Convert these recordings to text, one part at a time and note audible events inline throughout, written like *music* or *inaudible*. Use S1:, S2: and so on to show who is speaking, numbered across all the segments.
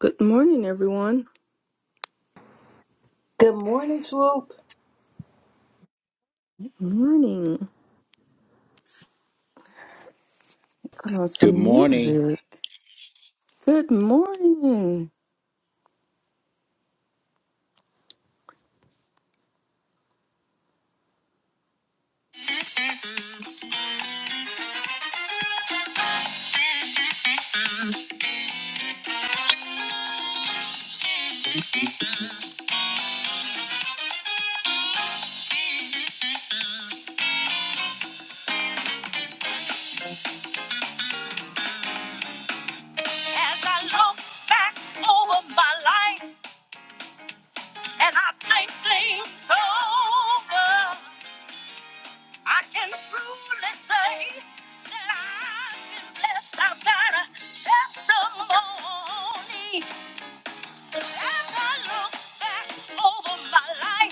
S1: Good morning, everyone.
S2: Good morning, Swoop.
S1: Morning. Put on
S3: Good
S1: some
S3: morning.
S1: music. Good morning. As I look back over my life and I think things over, I can truly say that I've been blessed. I've got a testimony. As I look back over my life.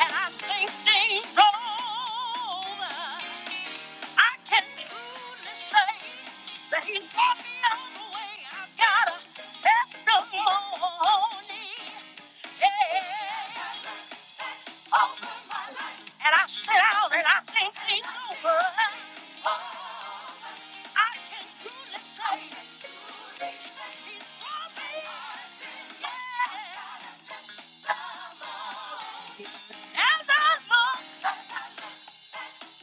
S1: and I think things over. I can truly say that he's brought me all the way. I've got a testimony. Yeah. Over my life. And I sit down and I think things over. Oh, I can truly say that he's brought me. Yeah. As I look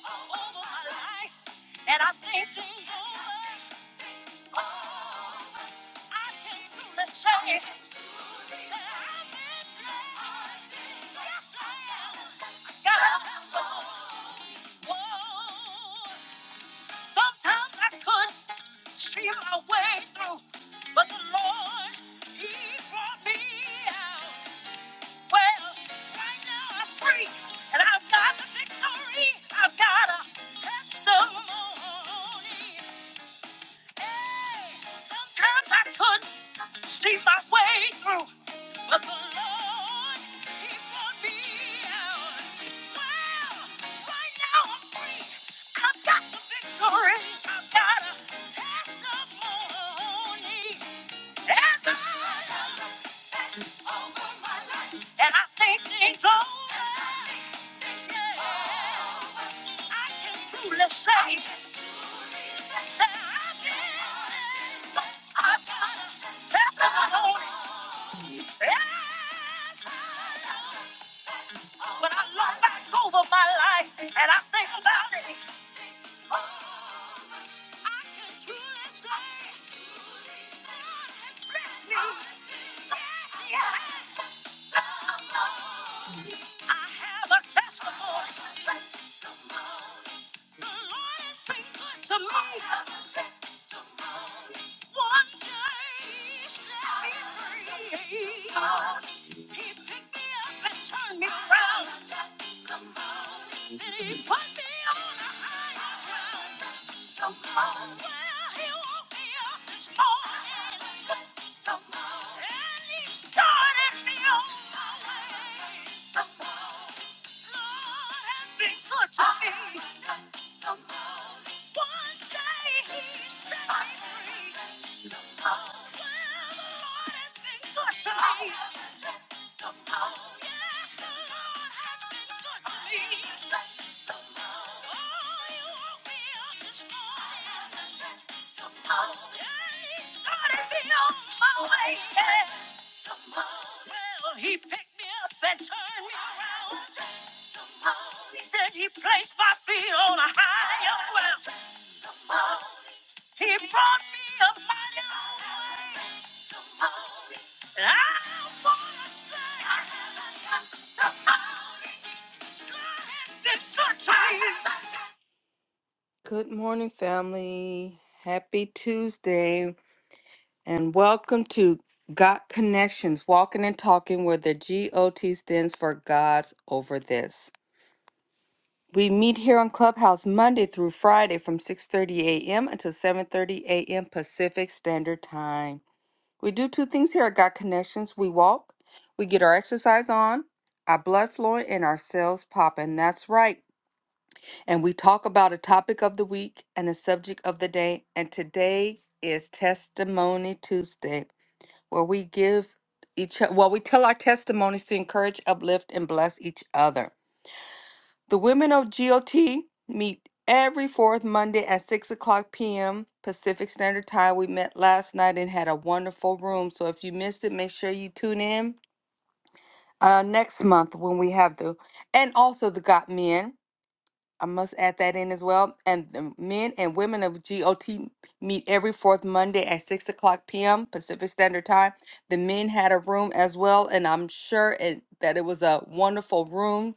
S1: all over my life, and I think things over. Oh, I can truly say that I've been blessed. Yes, I am. Got a testimony. Whoa. Sometimes I couldn't see my way through, but the Lord, He brought me out. Well, right now I'm free, and I've got the victory. I've got a testimony. Hey, sometimes I couldn't see my way through, but the Lord, He brought me out. Well, right now I'm free. I've got the victory. I've got a testimony. I over my life, And I think things over. And I think things over. I can truly say that I've been, I've got testimony. Yes. When I look back over my life and I think about it, I can truly say God has blessed me. Yes, He has. I have a testimony. The Lord has been good to me. One day He set me free. He picked me up and turned me around. Then He put me on a higher ground. Somehow, yeah, the Lord has been good to me. Well, He picked me up and turned me around. He said he placed my feet on a higher ground. He brought me a mighty long way. And I wanna say I haven't got the money. God has been good to me. Good morning, family. Happy Tuesday, and welcome to Got Connections Walking and Talking, where the GOT stands for God's Over This. We meet here on Clubhouse Monday through Friday from 6:30 a.m. until 7:30 a.m. Pacific Standard Time. We do two things here at Got Connections. We walk, we get our exercise on, our blood flowing, and our cells popping. That's right. and we talk about a topic of the week and a subject of the day. And today is Testimony Tuesday, where we give each o- well, we tell our testimonies to encourage, uplift, and bless each other. The women of GOT meet every fourth Monday at six o'clock p.m. Pacific Standard Time. We met last night and had a wonderful room. So if you missed it, make sure you tune in uh, next month when we have the and also the Got Men. I must add that in as well. And the men and women of GOT meet every fourth Monday at 6 o'clock p.m. Pacific Standard Time. The men had a room as well, and I'm sure it, that it was a wonderful room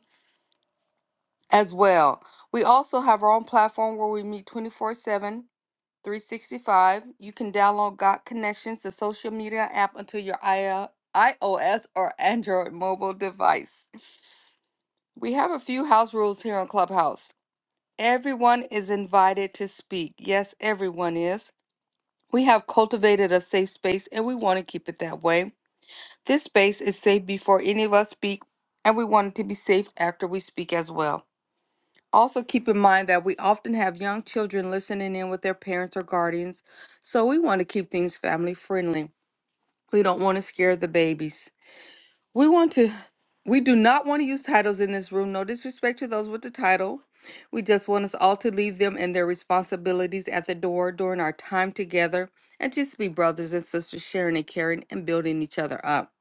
S1: as well. We also have our own platform where we meet 24 7, 365. You can download Got Connections, the social media app, onto your I- iOS or Android mobile device. We have a few house rules here on Clubhouse. Everyone is invited to speak. Yes, everyone is. We have cultivated a safe space and we want to keep it that way. This space is safe before any of us speak, and we want it to be safe after we speak as well. Also, keep in mind that we often have young children listening in with their parents or guardians, so we want to keep things family friendly. We don't want to scare the babies. We want to, we do not want to use titles in this room. No disrespect to those with the title. We just want us all to leave them and their responsibilities at the door during our time together and just be brothers and sisters sharing and caring and building each other up.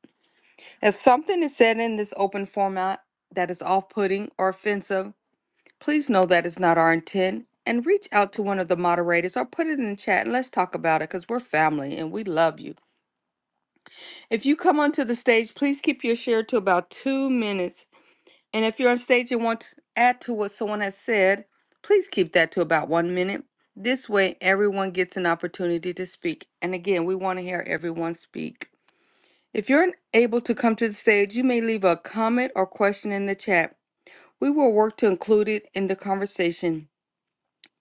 S1: If something is said in this open format that is off putting or offensive, please know that is not our intent and reach out to one of the moderators or put it in the chat and let's talk about it because we're family and we love you. If you come onto the stage, please keep your share to about two minutes and if you're on stage and want to add to what someone has said, please keep that to about one minute. This way, everyone gets an opportunity to speak. And again, we want to hear everyone speak. If you're unable to come to the stage, you may leave a comment or question in the chat. We will work to include it in the conversation.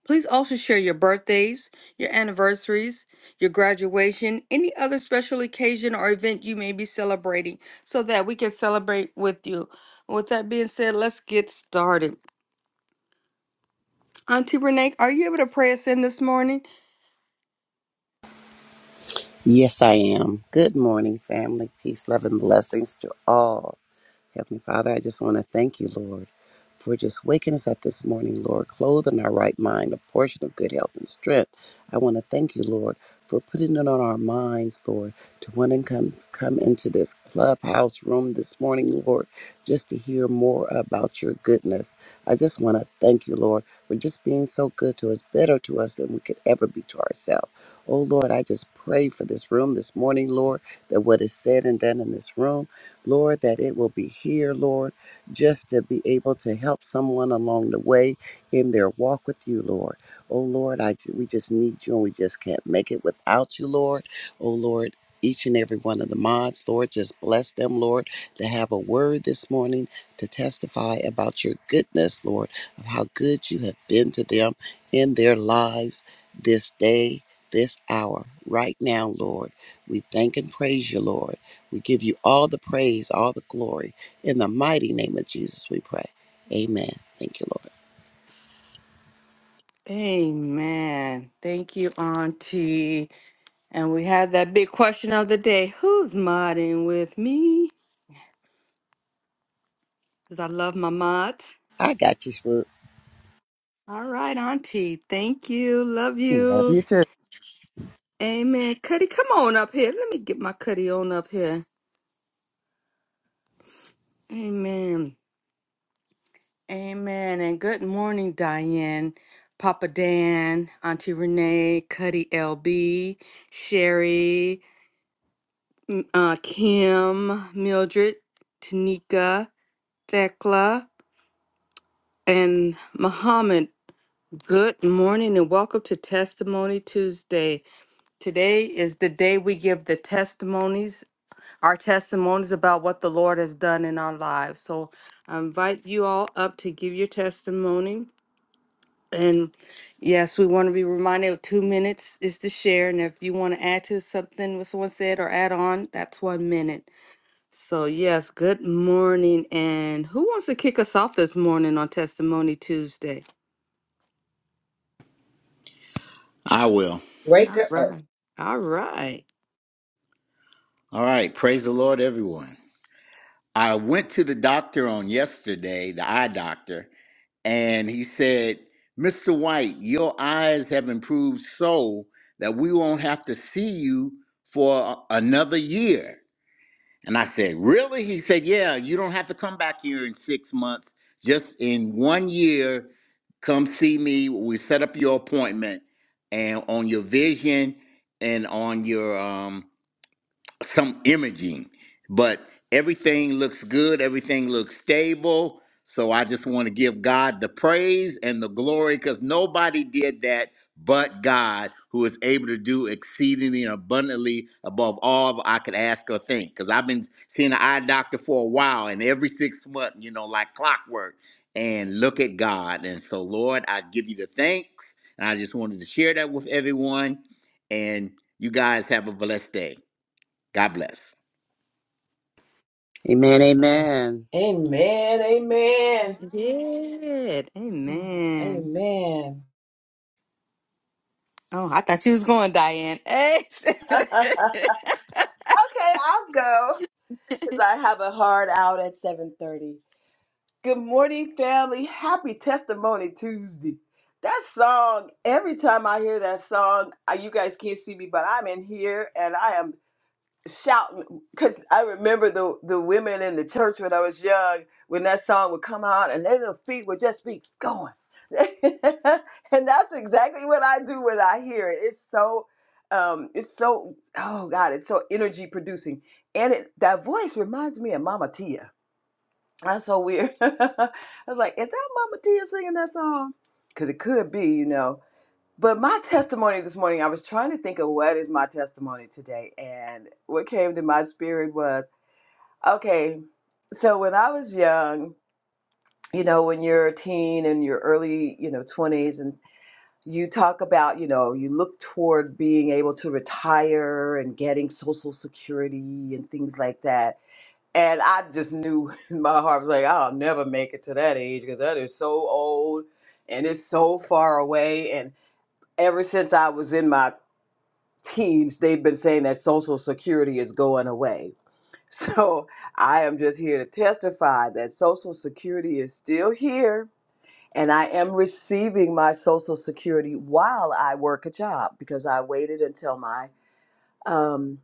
S1: Please also share your birthdays, your anniversaries, your graduation, any other special occasion or event you may be celebrating so that we can celebrate with you. With that being said, let's get started. Auntie Renee, are you able to pray us in this morning?
S4: Yes, I am. Good morning, family. Peace, love, and blessings to all. Heavenly Father, I just want to thank you, Lord, for just waking us up this morning, Lord, clothed in our right mind, a portion of good health and strength. I want to thank you, Lord, for putting it on our minds, Lord, to want to come, come into this clubhouse room this morning, Lord, just to hear more about your goodness. I just want to thank you, Lord, for just being so good to us, better to us than we could ever be to ourselves. Oh, Lord, I just pray for this room this morning, Lord, that what is said and done in this room. Lord, that it will be here, Lord, just to be able to help someone along the way in their walk with you, Lord. Oh, Lord, I, ju- we just need you and we just can't make it without you, Lord. Oh, Lord. Each and every one of the mods, Lord, just bless them, Lord, to have a word this morning to testify about your goodness, Lord, of how good you have been to them in their lives this day, this hour, right now, Lord. We thank and praise you, Lord. We give you all the praise, all the glory. In the mighty name of Jesus, we pray. Amen. Thank you, Lord.
S1: Amen. Thank you, Auntie. And we have that big question of the day Who's modding with me? Because I love my mods.
S4: I got you, Swoop.
S1: All right, Auntie. Thank you. Love
S4: Love you
S1: you.
S4: too.
S1: Amen. Cuddy, come on up here. Let me get my Cuddy on up here. Amen. Amen. And good morning, Diane, Papa Dan, Auntie Renee, Cuddy LB, Sherry. uh, Kim, Mildred, Tanika, Thekla, and Muhammad. Good morning and welcome to Testimony Tuesday. Today is the day we give the testimonies, our testimonies about what the Lord has done in our lives. So I invite you all up to give your testimony. And yes, we want to be reminded of two minutes is to share. And if you want to add to something what someone said or add on, that's one minute. So, yes, good morning. And who wants to kick us off this morning on Testimony Tuesday?
S3: I will.
S5: Wake
S1: All
S5: up. Oh.
S1: right. All right.
S3: All right. Praise the Lord, everyone. I went to the doctor on yesterday, the eye doctor, and he said, Mr. White, your eyes have improved so that we won't have to see you for another year. And I said, Really? He said, Yeah, you don't have to come back here in six months. Just in one year, come see me. We set up your appointment and on your vision and on your um some imaging, but everything looks good, everything looks stable. So I just want to give God the praise and the glory because nobody did that but God, who is able to do exceedingly and abundantly above all I could ask or think. Because I've been seeing an eye doctor for a while, and every six months, you know, like clockwork. And look at God. And so, Lord, I give you the thanks. And I just wanted to share that with everyone. And you guys have a blessed day. God bless.
S4: Amen. Amen.
S2: Amen. Amen.
S1: Yeah. Amen.
S2: Amen.
S1: Oh, I thought you was going, Diane. Hey.
S2: Okay, I'll go because I have a hard out at 7:30. Good morning, family. Happy Testimony Tuesday. That song, every time I hear that song, I- you guys can't see me, but I'm in here and I am shouting because I remember the the women in the church when I was young when that song would come out and their little feet would just be going, *laughs* and that's exactly what I do when I hear it. It's so, um, it's so oh god, it's so energy producing, and it that voice reminds me of Mama Tia. That's so weird. *laughs* I was like, is that Mama Tia singing that song? Because it could be, you know. But my testimony this morning, I was trying to think of what is my testimony today. And what came to my spirit was okay, so when I was young, you know, when you're a teen and your early, you know, 20s, and you talk about, you know, you look toward being able to retire and getting Social Security and things like that. And I just knew *laughs* in my heart was like, I'll never make it to that age because that is so old and it's so far away. And ever since I was in my teens, they've been saying that Social Security is going away. *laughs* So I am just here to testify that Social Security is still here and I am receiving my Social Security while I work a job because I waited until my um,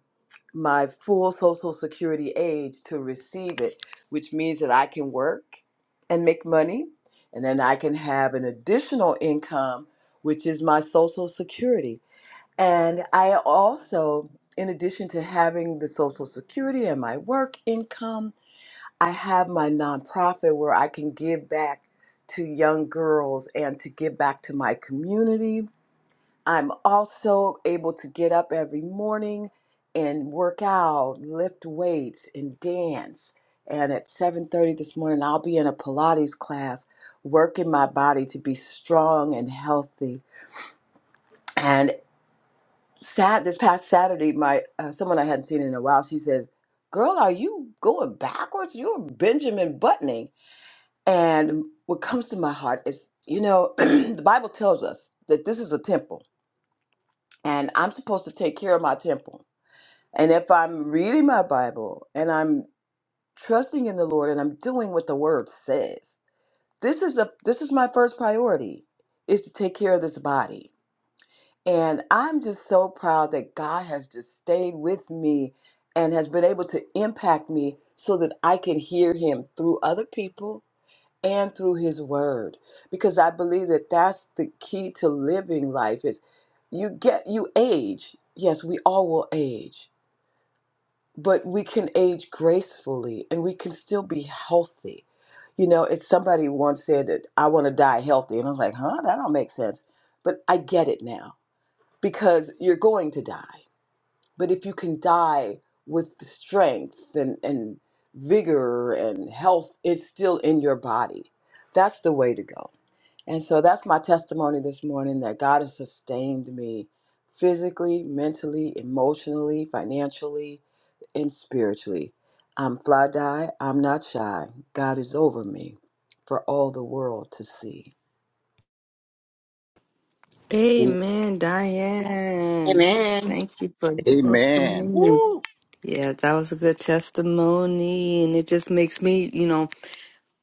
S2: my full Social Security age to receive it, which means that I can work and make money and then I can have an additional income, which is my Social Security. And I also, in addition to having the Social Security and my work income, I have my nonprofit where I can give back to young girls and to give back to my community. I'm also able to get up every morning and work out, lift weights, and dance. And at 7:30 this morning, I'll be in a Pilates class, working my body to be strong and healthy sad this past Saturday, my uh, someone I hadn't seen in a while, she says, "Girl, are you going backwards? You're Benjamin Buttoning." And what comes to my heart is, you know, *clears throat* the Bible tells us that this is a temple, and I'm supposed to take care of my temple. And if I'm reading my Bible and I'm trusting in the Lord and I'm doing what the Word says, this is the this is my first priority, is to take care of this body And I'm just so proud that God has just stayed with me and has been able to impact me so that I can hear Him through other people and through His Word. Because I believe that that's the key to living life is you get you age. Yes, we all will age, but we can age gracefully and we can still be healthy. You know, if somebody once said that I want to die healthy, and I was like, huh, that don't make sense. But I get it now because you're going to die. But if you can die with the strength and, and vigor and health, it's still in your body. That's the way to go. And so that's my testimony this morning that God has sustained me physically, mentally, emotionally, financially, and spiritually. I'm fly die, I'm not shy. God is over me for all the world to see.
S1: *laughs*
S4: Yeah.
S1: Amen, Diane. Thank you for the
S3: Amen.
S1: testimony.
S3: Woo.
S1: Yeah, that was a good testimony. And it just makes me, you know,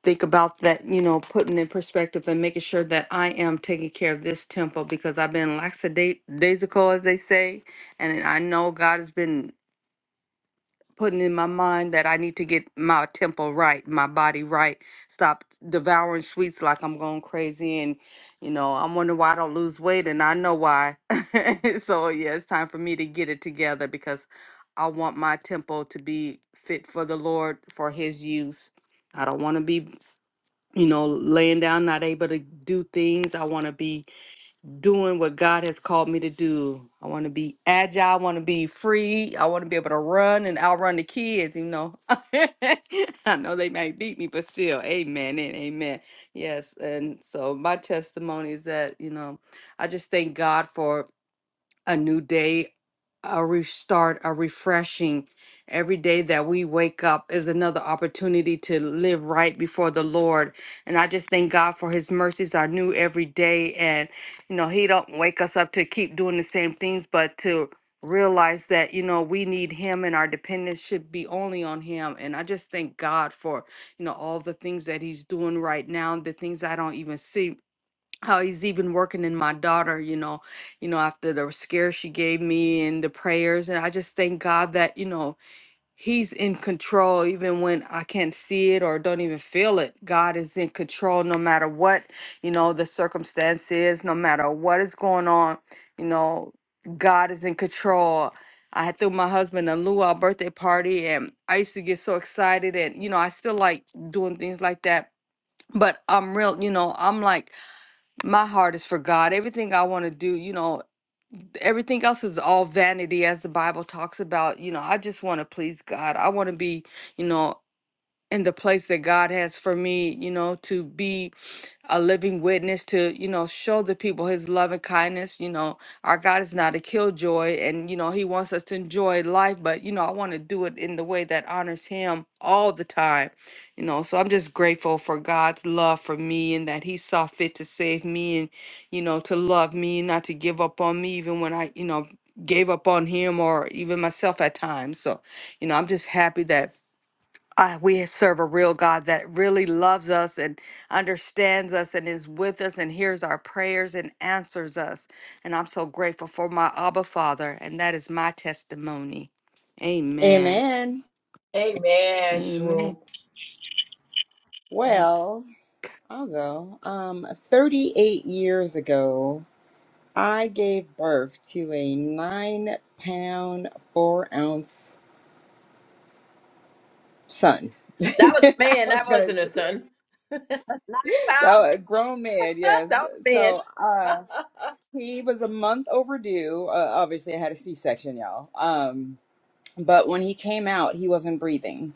S1: think about that, you know, putting in perspective and making sure that I am taking care of this temple because I've been lackadaisical, as they say, and I know God has been putting in my mind that I need to get my temple right, my body right, stop devouring sweets like I'm going crazy and you know, I'm wondering why I don't lose weight and I know why. *laughs* so yeah, it's time for me to get it together because I want my temple to be fit for the Lord for his use. I don't want to be you know, laying down, not able to do things. I want to be doing what God has called me to do. I want to be agile. I want to be free. I want to be able to run and outrun the kids, you know. *laughs* I know they might beat me, but still, amen and amen. Yes. And so my testimony is that, you know, I just thank God for a new day, a restart, a refreshing. Every day that we wake up is another opportunity to live right before the Lord. And I just thank God for his mercies are new every day. And, you know, he don't wake us up to keep doing the same things, but to realize that, you know, we need him and our dependence should be only on him. And I just thank God for, you know, all the things that he's doing right now, the things I don't even see how he's even working in my daughter you know you know after the scare she gave me and the prayers and i just thank god that you know he's in control even when i can't see it or don't even feel it god is in control no matter what you know the circumstance is no matter what is going on you know god is in control I threw my husband a luau birthday party, and I used to get so excited, and you know I still like doing things like that. But I'm real, you know. I'm like my heart is for God. Everything I want to do, you know, everything else is all vanity as the Bible talks about. You know, I just want to please God. I want to be, you know, in the place that God has for me, you know, to be a living witness, to, you know, show the people his love and kindness. You know, our God is not a killjoy and, you know, he wants us to enjoy life, but, you know, I want to do it in the way that honors him all the time, you know. So I'm just grateful for God's love for me and that he saw fit to save me and, you know, to love me, not to give up on me, even when I, you know, gave up on him or even myself at times. So, you know, I'm just happy that uh, we serve a real God that really loves us and understands us and is with us and hears our prayers and answers us. And I'm so grateful for my Abba Father, and that is my testimony. Amen.
S5: Amen.
S2: Amen,
S1: Amen.
S2: swoop.
S5: Well, I'll go. Um, 38 years ago, I gave birth to a nine pound, four ounce son. *laughs*
S2: That was a
S5: I
S2: man.
S5: was
S2: That
S5: going
S2: wasn't a
S5: to
S2: son. Nine
S5: so a
S2: pounds?
S5: grown man,
S2: *laughs* that
S5: yes.
S2: was a
S5: So uh
S2: man.
S5: he was a month overdue. Uh, obviously I had a C-section, y'all. Um but when he came out, he wasn't breathing.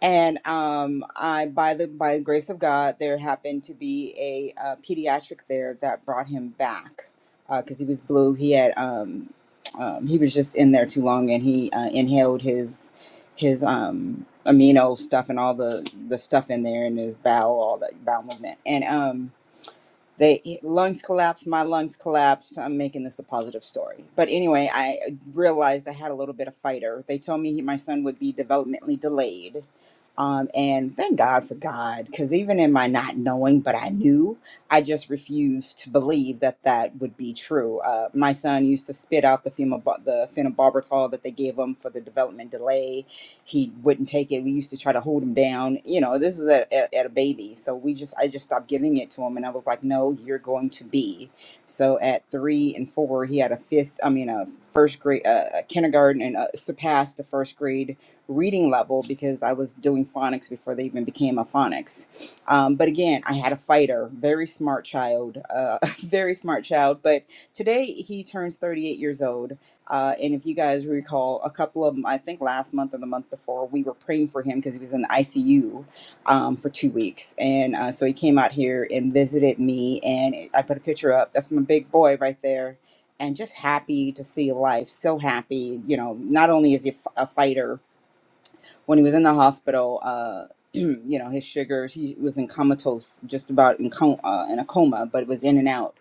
S5: and um, I by the by the grace of God, there happened to be a, uh pediatric there that brought him back because he was blue. He had um, um, he was just in there too long, and he uh, inhaled his his um, amino stuff and all the the stuff in there in his bowel, all that bowel movement, and um they lungs collapsed my lungs collapsed i'm making this a positive story but anyway i realized i had a little bit of fighter they told me he, my son would be developmentally delayed um, and thank god for god because even in my not knowing but i knew i just refused to believe that that would be true uh, my son used to spit out the fema the phenobarbital that they gave him for the development delay he wouldn't take it. We used to try to hold him down. You know, this is at, at, at a baby. So we just, I just stopped giving it to him. And I was like, no, you're going to be. So at three and four, he had a fifth, I mean, a first grade, uh, a kindergarten and uh, surpassed the first grade reading level because I was doing phonics before they even became a phonics. Um, but again, I had a fighter, very smart child, uh, *laughs* very smart child. But today he turns 38 years old uh, and if you guys recall, a couple of them, I think last month or the month before, we were praying for him because he was in the ICU um, for two weeks. And uh, so he came out here and visited me, and I put a picture up. That's my big boy right there. And just happy to see life, so happy. You know, not only is he a f- a fighter, when he was in the hospital, uh, *clears throat* you know, his sugars, he was in comatose, just about in, com- uh, in a coma, but it was in and out.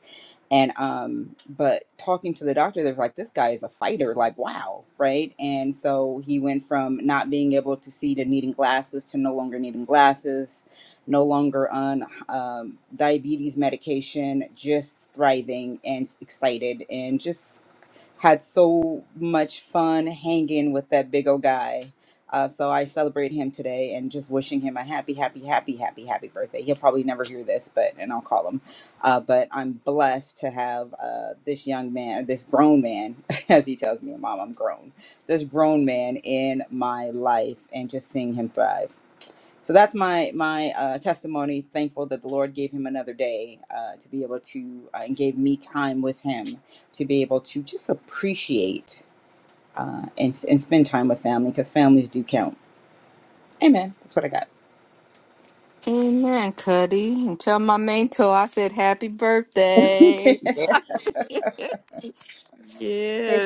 S5: And, um, but talking to the doctor, they was like, this guy is a fighter, like, wow, right? And so he went from not being able to see to needing glasses to no longer needing glasses, no longer on um, diabetes medication, just thriving and excited and just had so much fun hanging with that big old guy uh, so I celebrate him today and just wishing him a happy, happy, happy, happy, happy birthday. He'll probably never hear this, but and I'll call him. Uh, but I'm blessed to have uh, this young man, this grown man, *laughs* as he tells me, Mom, I'm grown. This grown man in my life and just seeing him thrive. So that's my my uh, testimony. Thankful that the Lord gave him another day uh, to be able to uh, and gave me time with him to be able to just appreciate uh, and and spend time with family because families do count Amen. That's what I got.
S1: Amen, Cuddy. And tell my mentor I said happy
S5: *laughs*
S1: birthday.
S5: if
S1: *laughs*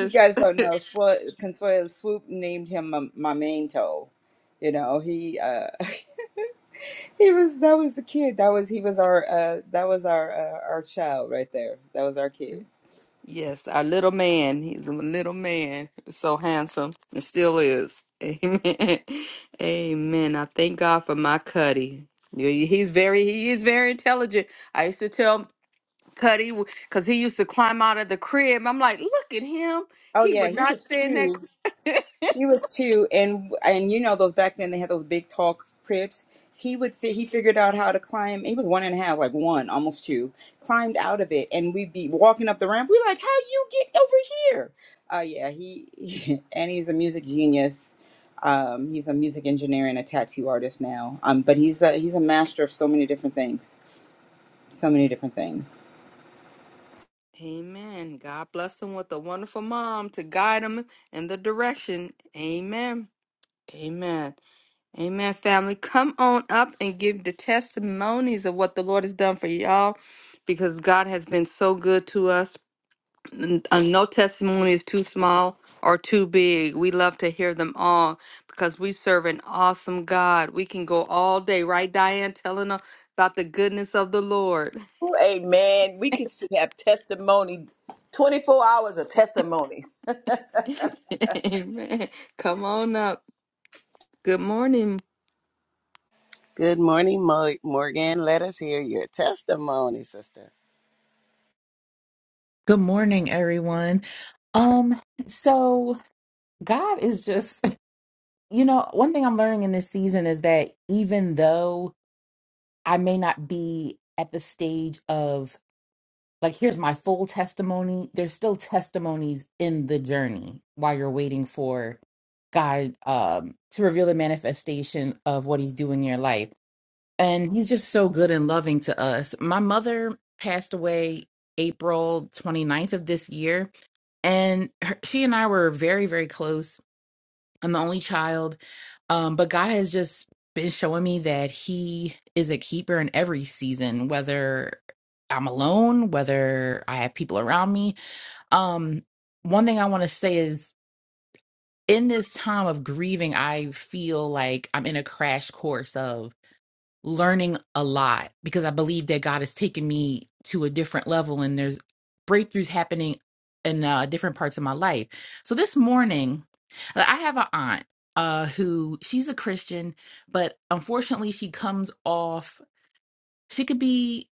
S5: you guys
S1: *laughs*
S5: don't know, Swo- Consuelo Swoop named him my, my main toe. You know, he uh *laughs* he was that was the kid. That was he was our uh that was our uh, our child right there. That was our kid.
S1: Yes, our little man. He's a little man. So handsome. And still is. Amen. *laughs* Amen. I thank God for my Cuddy. Yeah, He- He's very he is very intelligent. I used to tell Cuddy because he used to climb out of the crib. I'm like, look at him.
S5: Oh
S1: He
S5: yeah,
S1: would
S5: he
S1: not
S5: was
S1: stay in that
S5: cute.
S1: crib.
S5: He was two, and and you know those back then they had those big tall cribs. He would fi- he figured out how to climb. He was one and a half, like one, almost two. Climbed out of it, and we'd be walking up the ramp. We're like, "How you get over here?" Uh, yeah, he *laughs* and he's a music genius. Um, he's a music engineer and a tattoo artist now. Um, but he's a he's a master of so many different things. So many different things.
S1: *laughs* Amen. God bless him with a wonderful mom to guide him in the direction. Amen. Amen. Amen, family. Come on up and give the testimonies of what the Lord has done for y'all because God has been so good to us. N- uh, No testimony is too small or too big. We love to hear them all because we serve an awesome God. We can go all day, right, Diane, telling them about the goodness of the Lord.
S2: *laughs* Ooh, Amen. We could should have testimony, 24 hours of testimony. *laughs*
S1: *laughs* Amen. Come on up. Good morning.
S4: Good morning, Mo- Morgan. Let us hear your testimony, sister.
S6: Good morning, everyone. Um, so God is just, *laughs* you know, one thing I'm learning in this season is that even though I may not be at the stage of like, here's my full testimony, there's still testimonies in the journey while you're waiting for God um to reveal the manifestation of what he's doing in your life and he's just so good and loving to us. My mother passed away April 29th of this year, and her, she and I were very, very close. I'm the only child, um, but God has just been showing me that He is a keeper in every season, whether I'm alone, whether I have people around me. Um, one thing I want to say is in this time of grieving, I feel like I'm in a crash course of learning a lot because I believe that God has taken me to a different level and there's breakthroughs happening in uh, different parts of my life. So this morning, uh, I have an aunt uh, who she's a Christian, but unfortunately, she comes off, she could be,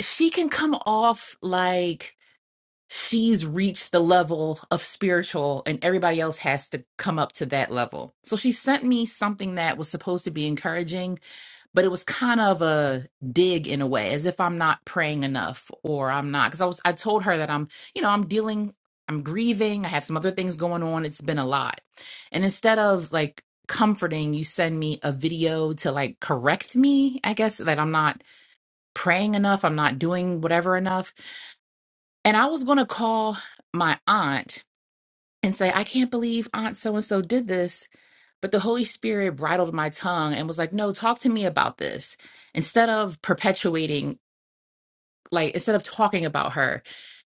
S6: she can come off like she's reached the level of spiritual and everybody else has to come up to that level. So she sent me something that was supposed to be encouraging but it was kind of a dig in a way as if i'm not praying enough or i'm not because i was i told her that i'm you know i'm dealing i'm grieving i have some other things going on it's been a lot and instead of like comforting you send me a video to like correct me i guess that i'm not praying enough i'm not doing whatever enough and i was going to call my aunt and say i can't believe aunt so and so did this but the Holy Spirit bridled my tongue and was like, no, talk to me about this. Instead of perpetuating, like, instead of talking about her,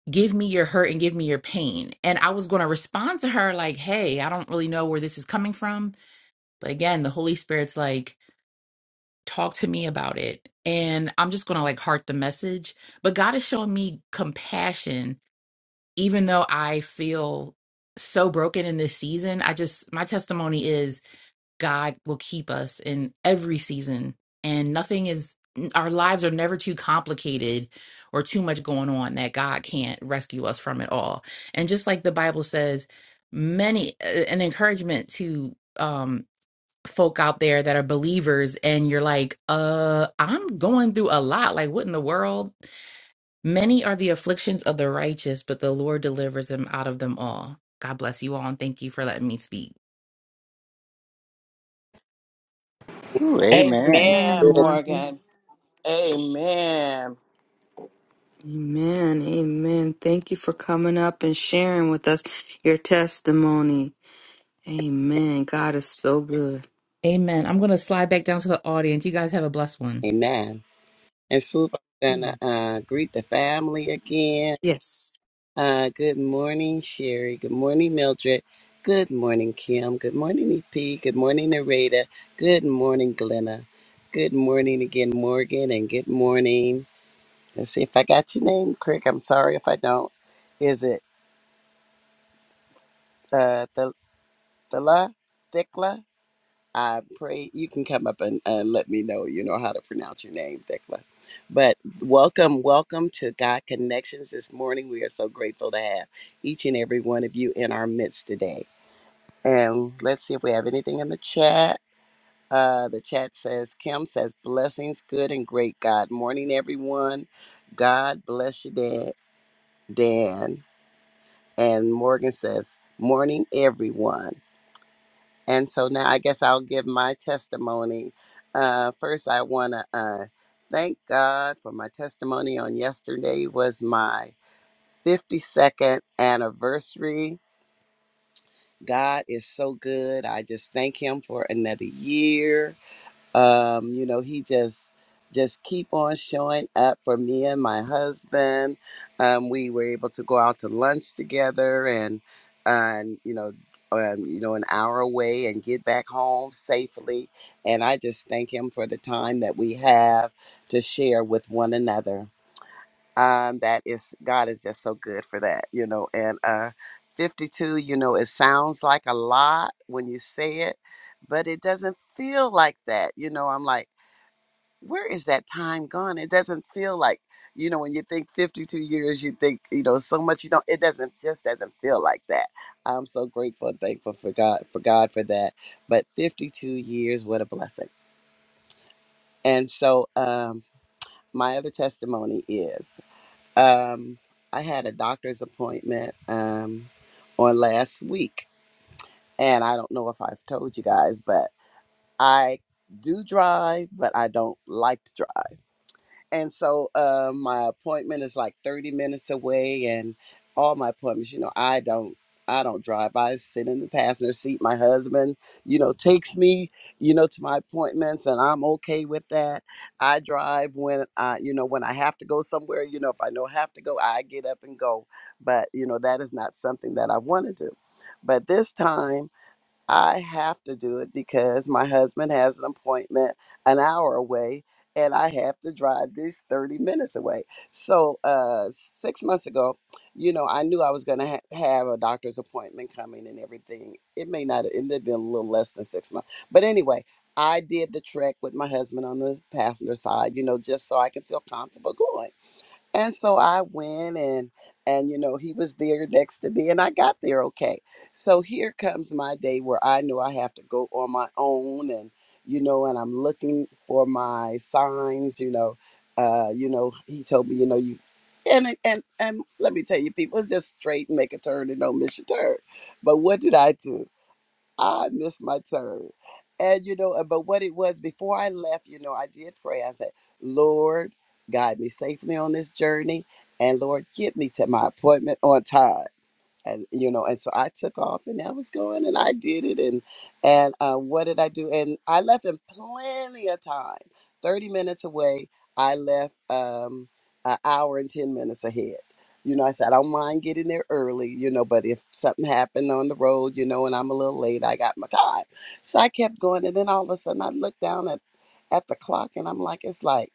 S6: give me your hurt and give me your pain. And I was going to respond to her, like, hey, I don't really know where this is coming from. But again, the Holy Spirit's like, talk to me about it. And I'm just going to like heart the message. But God is showing me compassion, even though I feel so broken in this season. I just, my testimony is God will keep us in every season. And nothing is, our lives are never too complicated or too much going on that God can't rescue us from it all. And just like the Bible says, many, uh, an encouragement to, um, folk out there that are believers and you're like uh i'm going through a lot like what in the world Many are the afflictions of the righteous, but the Lord delivers them out of them all. God bless you all and thank you for letting me speak.
S3: Woo.
S1: Good
S3: Amen.
S2: Amen,
S4: Good.
S1: morning.
S2: Morgan. Amen.
S1: Amen. Amen. Thank you for coming up and sharing with us your testimony. Amen. God is so good.
S6: Amen. I'm going to slide back down to the audience. You guys have a blessed one.
S4: Amen. And Swoop, I'm going
S1: Amen.
S4: to uh, greet the family again.
S1: Yes.
S4: Uh, good morning, Sherry. Good morning, Mildred. Good morning, Kim. Good morning, EP. Good morning, Narada. Good morning, Glenna. Good morning again, Morgan. And good morning. Let's see if I got your name correct. I'm sorry if I don't. Is it uh the Thela Thekla? I pray you can come up and uh, let me know. You know how to pronounce your name, Thekla. But welcome, welcome to God Connections this morning. We are so grateful to have each and every one of you in our midst today. And let's see if we have anything in the chat. Uh, the chat says, Kim says, blessings, good and great God. Morning, everyone. God bless you, Dan. Dan. And Morgan says, morning, everyone. And so now I guess I'll give my testimony. Uh, first, I want to uh, thank God for my testimony on yesterday was my 52nd anniversary. God is so good. I just thank him for another year um, you know he just just keep on showing up for me and my husband um, we were able to go out to lunch together and and you know um, you know an hour away and get back home safely and i just thank him for the time that we have to share with one another um, that is God is just so good for that, you know. And uh, 52, you know, it sounds like a lot when you say it, but it doesn't feel like that, you know. I'm like, where is that time gone? It doesn't feel like, you know, when you think 52 years, you think, you know, so much. You don't. It doesn't just doesn't feel like that. I'm so grateful and thankful for God for God for that. But 52 years, what a blessing. And so, um, my other testimony is. Um, I had a doctor's appointment um, on last week, and I don't know if I've told you guys, but I do drive, but I don't like to drive. And so uh, my appointment is like 30 minutes away and all my appointments, you know, I don't I don't drive. I sit in the passenger seat. My husband, you know, takes me, you know, to my appointments and I'm okay with that. I drive when I, you know, when I have to go somewhere, you know, if I know I have to go, I get up and go. But, you know, that is not something that I want to do. But this time I have to do it because my husband has an appointment an hour away and I have to drive this 30 minutes away. So, uh, six months ago, you know, I knew I was going to ha- have a doctor's appointment coming and everything. It may not, it may have been a little less than six months. But anyway, I did the trek with my husband on the passenger side, you know, just so I can feel comfortable going. And so I went and and you know he was there next to me and I got there okay. So here comes my day where I know I have to go on my own and you know and I'm looking for my signs, you know. Uh you know he told me, you know, you and it- and and let me tell you people it's just straight and make a turn and don't miss your turn. But what did I do? I missed my turn. And you know, uh, but what it was before I left, you know, I did pray. I said, Lord, guide me safely on this journey. And Lord, get me to my appointment on time and you know and so i took off and i was going and i did it and and uh, what did i do and i left in plenty of time 30 minutes away i left um an hour and 10 minutes ahead you know i said i don't mind getting there early you know but if something happened on the road you know and i'm a little late i got my time so i kept going and then all of a sudden i looked down at at the clock and i'm like it's like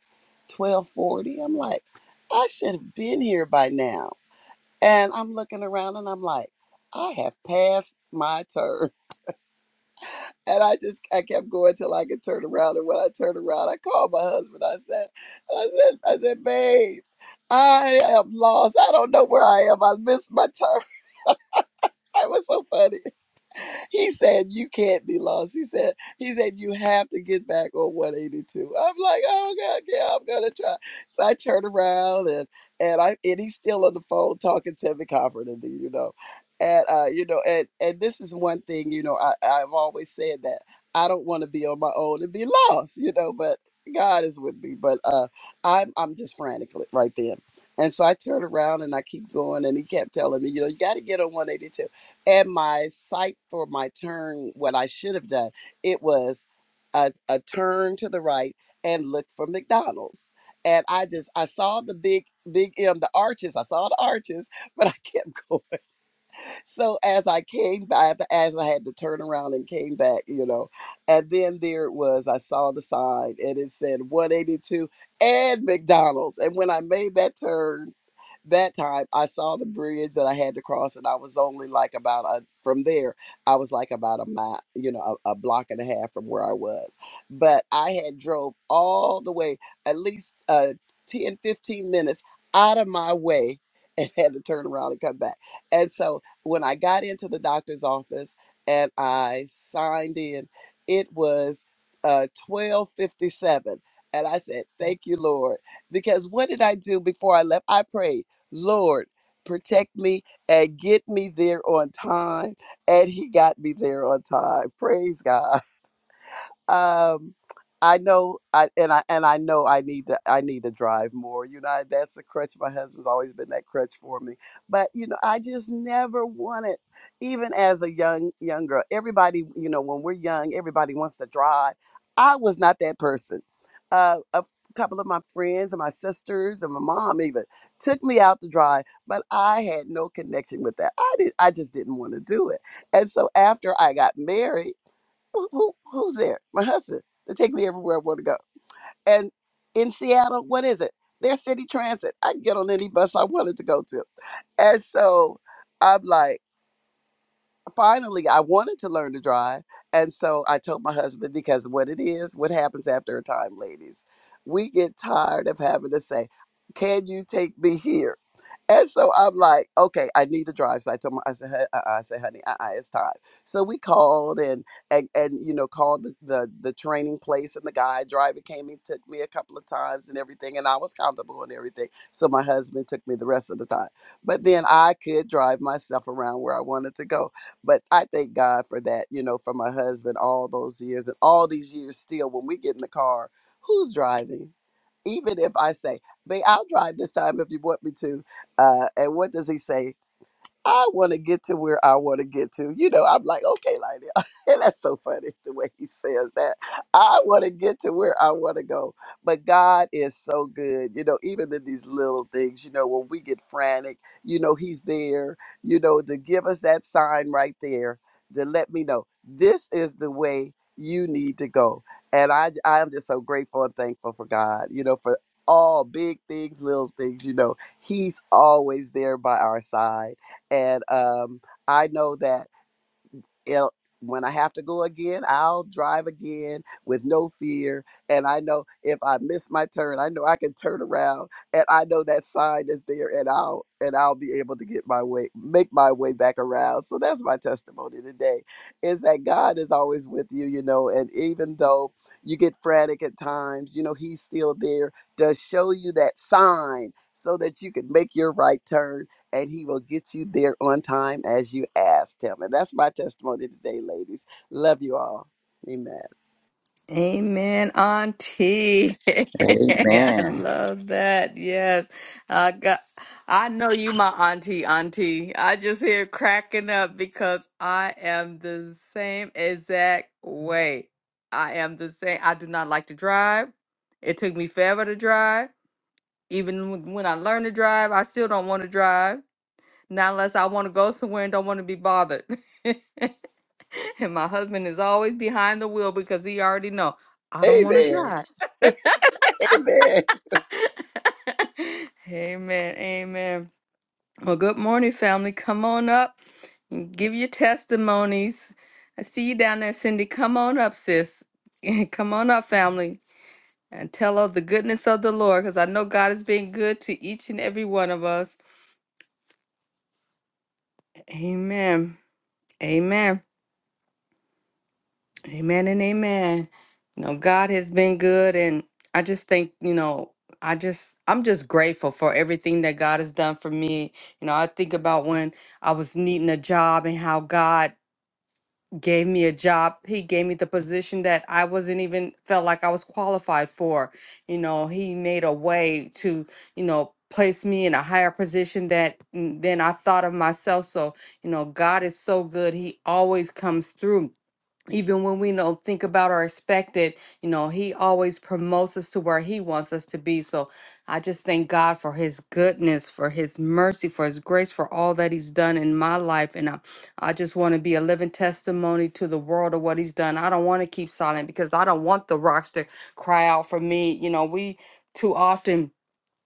S4: 1240 i'm like i should have been here by now and I'm looking around and I'm like, I have passed my turn. *laughs* And I just I kept going till I could turn around. And when I turned around, I called my husband. I said, I said, I said, babe, I am lost. I don't know where I am. I missed my turn. *laughs* It was so funny. he said you can't be lost. He said he said you have to get back on 182. I'm like, oh god, yeah, I'm gonna try. So I turn around and and I and he's still on the phone talking to me, comforting me, you know. And uh, you know, and and this is one thing, you know, I I've always said that I don't want to be on my own and be lost, you know, but God is with me. But uh, I'm I'm just frantic right then. And so I turned around and I keep going, and he kept telling me, you know, you got to get on 182 and my sight for my turn, what I should have done, it was a, a turn to the right and look for McDonald's. And I just I saw the big big M, the arches. I saw the arches, *laughs* but I kept *laughs* going. So as I came back, as I had to turn around and came back, you know, and then there it was. I saw the sign and it said 182 and McDonald's. And when I made that turn that time I saw the bridge that I had to cross, and I was only like about a from there. I was like about a mile, you know, a, a block and a half from where I was. But I had drove all the way, at least uh, 10, fifteen minutes out of my way, and *laughs* had to turn around and come back. And so when I got into the doctor's office and I signed in, it was uh, twelve fifty seven. And I said, Thank you, Lord. Because what did I do before I left? I prayed. Lord, protect me and get me there on time. And he got me there on time. Praise God um I know I and I and I know I need to I need to drive more. You know, I- that's a crutch. My husband's always been that crutch for me. But you know, I just never wanted, even as a young young girl, everybody, you know, when we're young, everybody wants to drive. I was not that person. Uh, a couple of my friends and my sisters and my mom even took me out to drive, but I had no connection with that. I did I just didn't want to do it. And so after I got married who, who who's there? My husband. They take me everywhere I want to go. And in Seattle, what is it? There's city transit. I can get on any bus I wanted to go to. And so I'm like, finally, I wanted to learn to drive. And so I told my husband because what it is, what happens after a time, ladies, we get tired of having to say, can you take me here? And so I'm like, okay, I need to drive. So I told my, I said, uh uh," I said, honey, uh-uh, it's time. So we called and and and you know called the, the the training place and the guy driver came and took me a couple of times and everything, and I was comfortable and everything. So my husband took me the rest of the time, but then I could drive myself around where I wanted to go. But I thank God for that, you know, for my husband all those years and all these years still. When we get in the car, who's driving? Even if I say, "Babe, I'll drive this time if you want me to," Uh, and what does he say? I want to get to where I want to get to. You know, I'm like, okay, like *laughs* and that's so funny the way he says that. I want to get to where I want to go. But God is so good. You know, even in these little things, you know, when we get frantic, you know, he's there, you know, to give us that sign right there to let me know this is the way you need to go. And I I am just so grateful and thankful for God, you know, for all big things, little things, you know. He's always there by our side and um, I know that it'll, when I have to go again, I'll drive again with no fear. And I know if I miss my turn, I know I can turn around, and I know that sign is there, and I'll and I'll be able to get my way, make my way back around. So that's my testimony today, is that God is always with you, you know, and even though you get frantic at times, you know, He's still there to show you that sign so that you can make your right turn and he will get you there on time as you asked him. And that's my testimony today, ladies. Love you all. Amen.
S1: Amen, Auntie. *laughs* I
S3: Amen.
S1: love that. Yes. I got I know you my auntie, auntie. I just hear cracking up because I am the same exact way. I am the same. I do not like to drive. It took me forever to drive. Even with- when I learn to drive, I still don't want to drive. Not unless I want to go somewhere and don't want to be bothered. *laughs* and my husband is always behind the wheel because he already know I don't want to
S4: Amen.
S1: drive.
S4: Amen.
S1: *laughs* amen. Amen. Well, good morning, family. Come on up. Give your testimonies. I see you down there, Cindy. Come on up, sis. *laughs* Come on up, family, and tell of the goodness of the Lord because I know God has been good to each and every one of us. Amen. Amen. Amen and amen. You know, God has been good and I just think, you know, I just I'm just grateful for everything that God has done for me. You know, I think about when I was needing a job and how God gave me a job. He gave me the position that I wasn't even felt like I was qualified for. You know, he made a way to, you know, place me in a higher position that mm, than I thought of myself. So, you know, God is so good. He always comes through even when we don't think about or expect it, you know he always promotes us to where he wants us to be so i just thank god for his goodness for his mercy for his grace for all that he's done in my life and i, I just want to be a living testimony to the world of what he's done i don't want to keep silent because i don't want the rocks to cry out for me you know we too often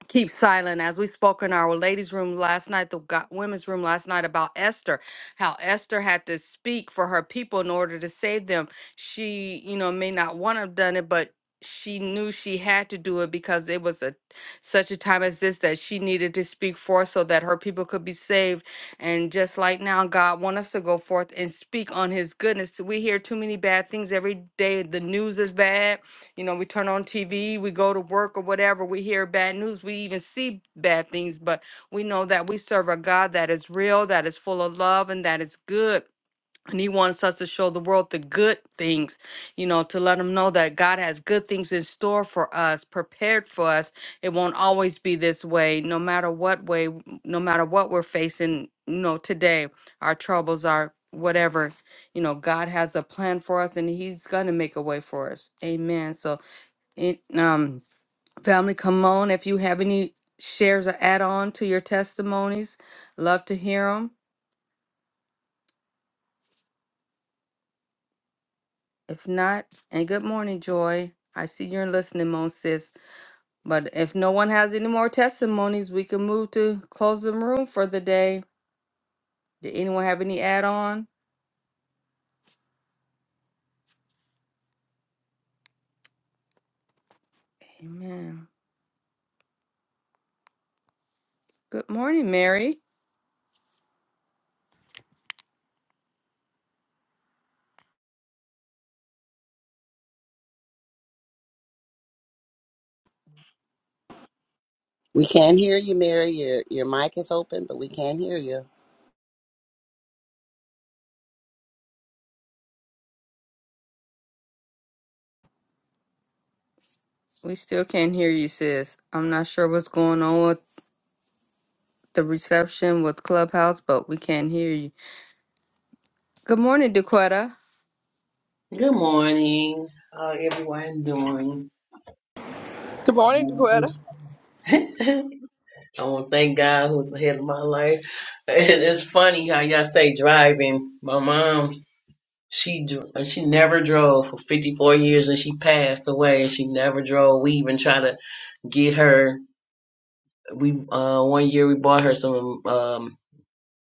S1: keep silent as we spoke in our ladies room last night the go- women's room last night about esther how esther had to speak for her people in order to save them she you know may not want to have done it but she knew she had to do it because it was a such a time as this that she needed to speak for so that her people could be saved and just like now god want us to go forth and speak on his goodness we hear too many bad things every day the news is bad you know, we turn on TV, we go to work or whatever, we hear bad news, we even see bad things, but we know that we serve a God that is real, that is full of love, and that is good. And He wants us to show the world the good things, you know, to let them know that God has good things in store for us, prepared for us. It won't always be this way, no matter what way, no matter what we're facing, you know, today, our troubles, our whatever you know, God has a plan for us and He's going to make a way for us. Amen. So and, um, family, come on. If you have any shares or add on to your testimonies, love to hear them. If not, and good morning, Joy. I see you're in listening mode, sis. But if no one has any more testimonies, we can move to close the room for the day. Did anyone have any add on? Amen. Good morning, Mary.
S4: We can hear you, Mary. Your your mic is open, but we can hear you.
S1: We still can't hear you, sis. I'm not sure what's going on with the reception with Clubhouse, but we can't hear you. Good morning, Dequetta.
S7: Good morning. How everyone doing?
S2: Good morning, Dakota.
S7: *laughs* I want to thank God who's ahead of my life. *laughs* It's funny how y'all say driving. My mom, she dr- she never drove for 54 years and she passed away and she never drove. We even try to get her. We uh one year we bought her some um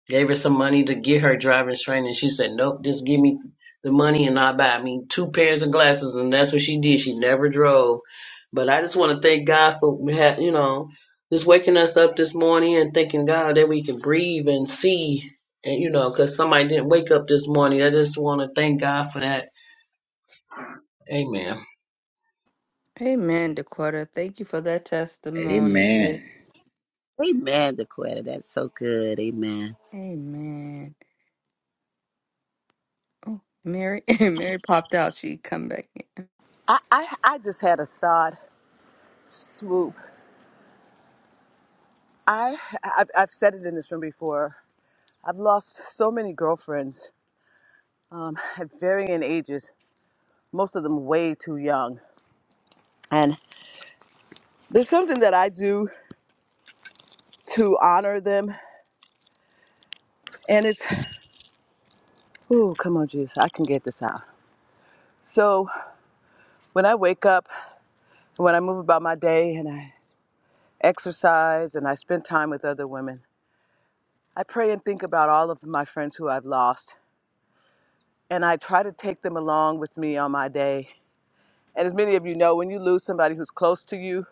S7: Gave her some money to get her driver's training. She said, Nope, just give me the money and I'll buy me two pairs of glasses. And that's what she did. She never drove. But I just want to thank God for, ha- you know, just waking us up this morning and thanking God that we can breathe and see. And, you know, because somebody didn't wake up this morning. I just want to thank God for that. Amen.
S1: Amen, Dakota. Thank you for that testimony.
S3: Amen.
S1: Yes.
S4: Amen, Dequetta. That's so good. Amen.
S1: Amen. Oh, Mary. *laughs* Mary popped out. She come back. in.
S2: I, I, I just had a thought swoop. I, I've, I've said it in this room before. I've lost so many girlfriends um, at varying ages, most of them way too young. And there's something that I do to honor them. And it's Ooh, come on, Jesus. I can get this out. So when I wake up, when I move about my day and I exercise and I spend time with other women, I pray and think about all of my friends who I've lost. And I try to take them along with me on my day. And as many of you know, when you lose somebody who's close to you,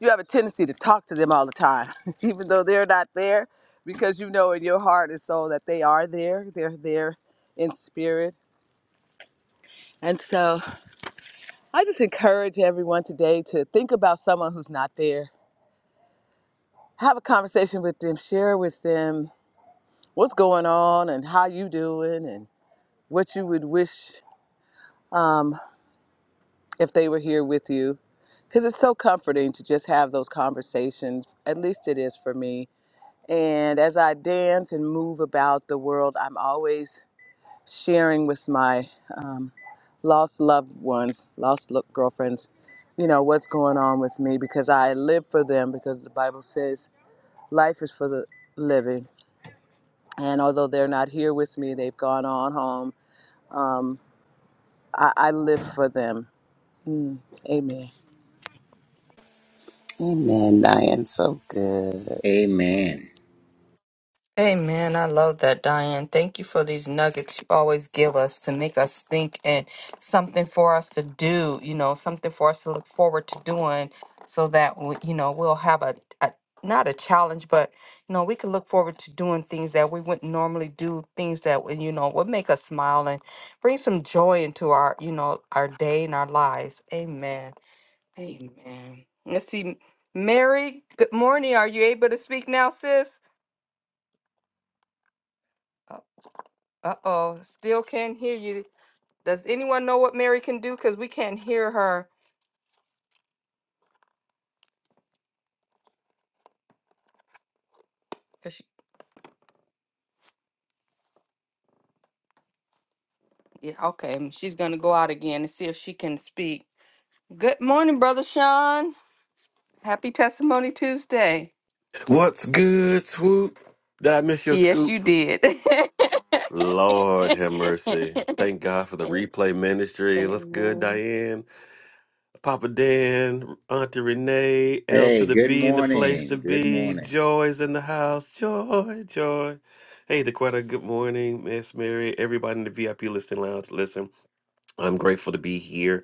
S2: you have a tendency to talk to them all the time, *laughs* even though they're not there, because you know in your heart and soul that they are there. They're there in spirit. And so I just encourage everyone today to think about someone who's not there. Have a conversation with them, share with them what's going on and how you doing and what you would wish um, if they were here with you. Because it's so comforting to just have those conversations. At least it is for me. And as I dance and move about the world, I'm always sharing with my um, lost loved ones, lost lo- girlfriends, you know, what's going on with me because I live for them because the Bible says life is for the living. And although they're not here with me, they've gone on home. Um, I, I live for them. Mm, amen.
S4: Amen, Diane. So good.
S3: Amen.
S1: Amen. I love that, Diane. Thank you for these nuggets you always give us to make us think and something for us to do, you know, something for us to look forward to doing so that, we, you know, we'll have a, a, not a challenge, but, you know, we can look forward to doing things that we wouldn't normally do, things that, would, you know, would make us smile and bring some joy into our, you know, our day and our lives. Amen. Amen. Let's see. Mary, good morning. Are you able to speak now, sis? Uh-oh, still can't hear you. Does anyone know what Mary can do? Because we can't hear her. 'Cause she, yeah, okay, mm, she's gonna go out again and see if she can speak. Good morning, Brother Sean. Happy Testimony Tuesday.
S8: What's good, Swoop? Did I miss your
S1: Yes,
S8: scoop?
S1: you did. *laughs*
S8: Lord have mercy. Thank God for the
S1: A-
S8: replay ministry. What's good,
S1: Amen.
S8: Diane? Papa Dan, Auntie Renee, L to
S3: Hey,
S8: the
S3: good
S8: B in the place to
S3: morning. Good
S8: be.
S3: morning.
S8: Joy's in the house. Joy, joy. Hey, Dequetta, good morning. Miss Mary, everybody in the VIP listening lounge. Listen, I'm grateful to be here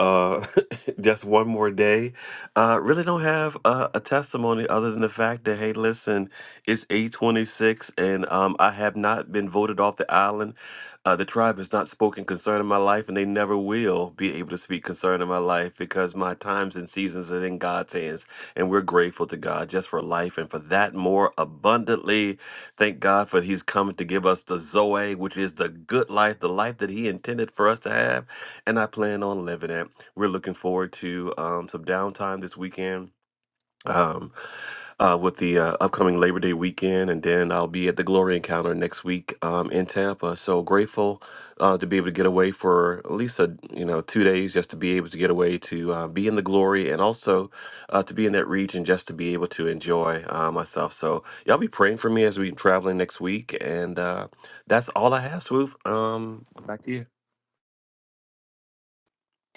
S8: uh, *laughs* just one more day. Uh, really don't have uh, a testimony other than the fact that hey, listen, it's eight twenty six, and um, I have not been voted off the island. Uh, the tribe has not spoken concerning my life, and they never will be able to speak concerning my life because my times and seasons are in God's hands, and we're grateful to God just for life and for that more abundantly. Thank God for He's coming to give us the Zoe, which is the good life, the life that He intended for us to have and I plan on living it. We're looking forward to um, some downtime this weekend um, uh, with the uh, upcoming Labor Day weekend, and then I'll be at the Glory Encounter next week um, in Tampa. So grateful uh, to be able to get away for at least a you know two days, just to be able to get away to uh, be in the glory, and also uh, to be in that region, just to be able to enjoy uh, myself. So y'all be praying for me as we traveling next week, and uh, that's all I have, Swoop. Um, back to you.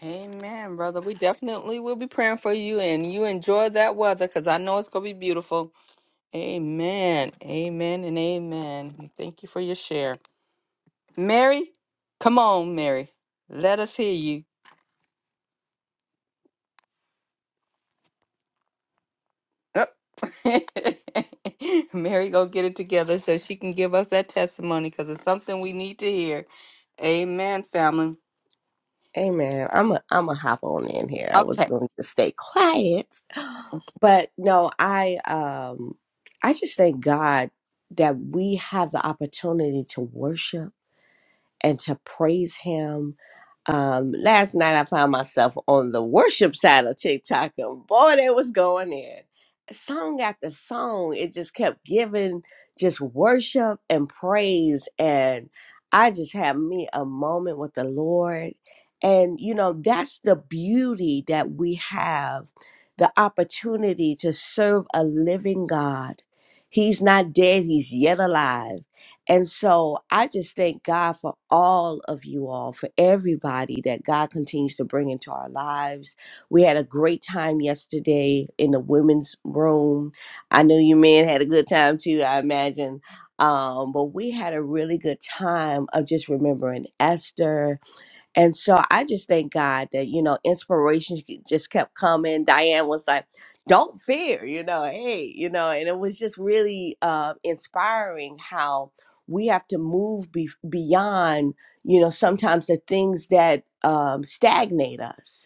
S1: Amen, brother. We definitely will be praying for you and you enjoy that weather because I know it's gonna be beautiful. Amen. Amen and amen. Thank you for your share. Mary, come on, Mary. Let us hear you. Up. *laughs* Mary, go get it together so she can give us that testimony because it's something we need to hear. Amen, family.
S9: Amen. I'm a I'm a hop on in here. I was
S1: Okay.
S9: going to stay quiet, but no, I um I just thank God that we have the opportunity to worship and to praise him. Um, last night I found myself on the worship side of TikTok and boy, they was going in. Song after song, it just kept giving just worship and praise. And I just had me a moment with the Lord. And, you know, that's the beauty that we have the opportunity to serve a living God. He's not dead, he's yet alive and so I just thank God for all of you all, for everybody that God continues to bring into our lives. We had a great time yesterday in the women's room. I know you men had a good time too, I imagine. Um, but we had a really good time of just remembering Esther and so I just thank God that, you know, inspiration just kept coming. Diane was like, don't fear, you know, hey, you know, and it was just really uh, inspiring how we have to move be- beyond, you know, sometimes the things that um, stagnate us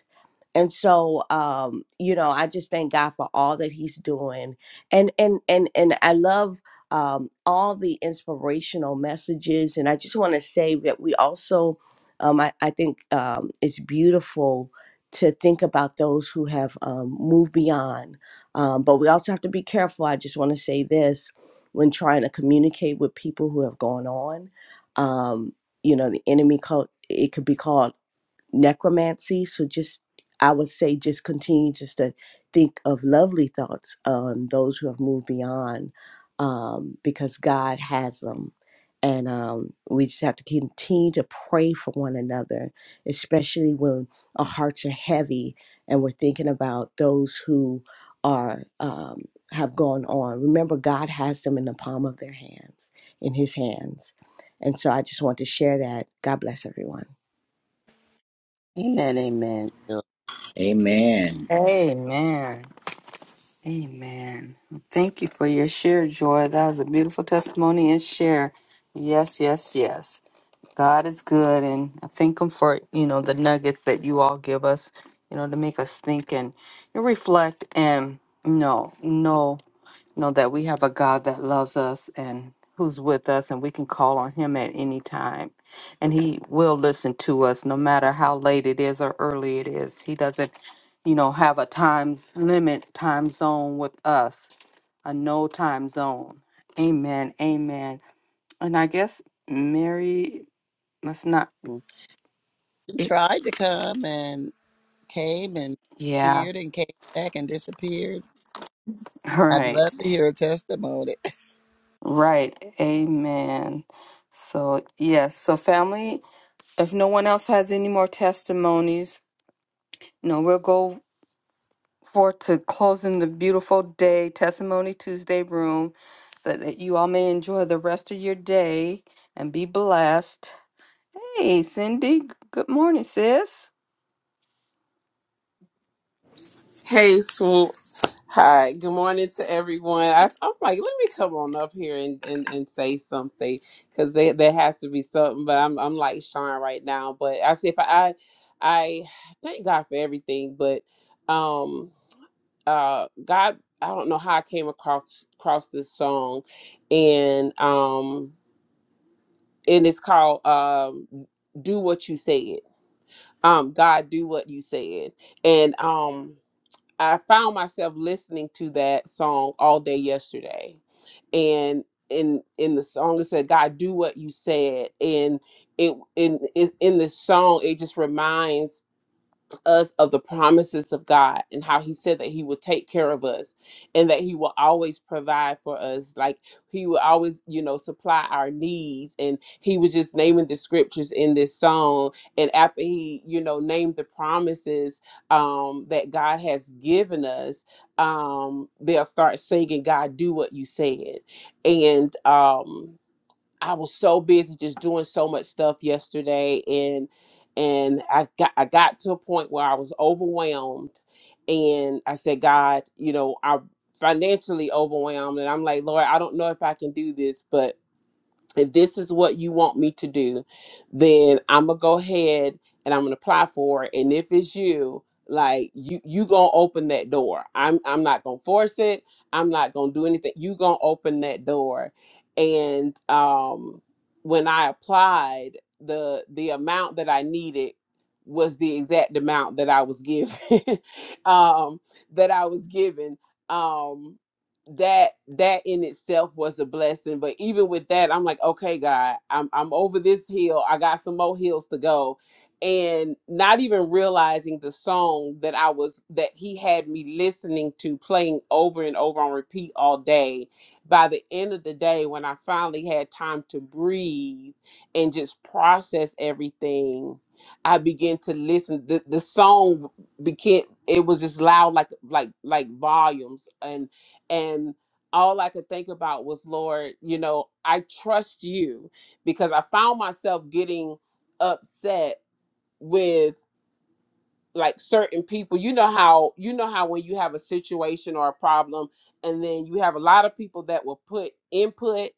S9: and so um you know i just thank god for all that he's doing and and and and i love um all the inspirational messages and i just want to say that we also um i, I think um it's beautiful to think about those who have um, moved beyond um, but we also have to be careful i just want to say this when trying to communicate with people who have gone on um, you know the enemy called it could be called necromancy. So just I would say just continue just to think of lovely thoughts on those who have moved beyond um, because God has them. And um, we just have to continue to pray for one another, especially when our hearts are heavy and we're thinking about those who are um, have gone on. Remember, God has them in the palm of their hands, in His hands. And so I just want to share that. God bless everyone.
S4: Amen, amen. Jill.
S3: Amen.
S1: Amen. Amen. Thank you for your share, Joy. That was a beautiful testimony and share. Yes, yes, yes. God is good, and I thank Him for you know the nuggets that you all give us, you know, to make us think and and reflect and you know, know. know that we have a God that loves us and who's with us, and we can call on Him at any time. And He will listen to us no matter how late it is or early it is. He doesn't, you know, have a time limit, time zone with us, a no time zone. Amen. Amen. And I guess Mary must not.
S4: She
S1: it-
S4: tried to come and came and
S1: Yeah.
S4: disappeared and came back and disappeared.
S1: *laughs* All
S4: I'd
S1: Right.
S4: love to hear a testimony.
S1: Right. Amen. So, yes. So, family, If no one else has any more testimonies, you know, we'll go forth to closing the beautiful day, Testimony Tuesday room, so that you all may enjoy the rest of your day and be blessed. Hey, Cindy, g- good morning, sis.
S10: Hey, Swoop. Hi. Good morning to everyone. I, I'm like, let me come on up here and, and, and say something because there there has to be something. But I'm I'm like Sean right now. But I see if I I thank God for everything. But um uh God, I don't know how I came across across this song, and um and it's called um Do What You Said. Um, God, do what you said, and um. I found myself listening to that song all day yesterday. And in in the song it said, God, do what you said. And it in in in the song, it just reminds us of the promises of God and how he said that he would take care of us and that he will always provide for us like he will always you know supply our needs and he was just naming the scriptures in this song and after he you know named the promises um that God has given us um they'll start singing God do what you said and um I was so busy just doing so much stuff yesterday and and I got I got to a point where I was overwhelmed and I said, God, you know, I'm financially overwhelmed and I'm like, Lord, I don't know if I can do this, but if this is what you want me to do, then I'm gonna go ahead and I'm gonna apply for it. And if it's you, like you you gonna open that door. I'm I'm not gonna force it. I'm not gonna do anything. You gonna open that door. And um when I applied, the the amount that I needed was the exact amount that I was given. *laughs* um that I was given. Um that that in itself was a blessing but even with that i'm like okay god i'm i'm over this hill i got some more hills to go and not even realizing the song that i was that he had me listening to playing over and over on repeat all day by the end of the day when i finally had time to breathe and just process everything i began to listen the, the song became it was just loud like like like volumes and all I could think about was, Lord, you know, I trust you because I found myself getting upset with like certain people you know how you know how when you have a situation or a problem and then you have a lot of people that will put input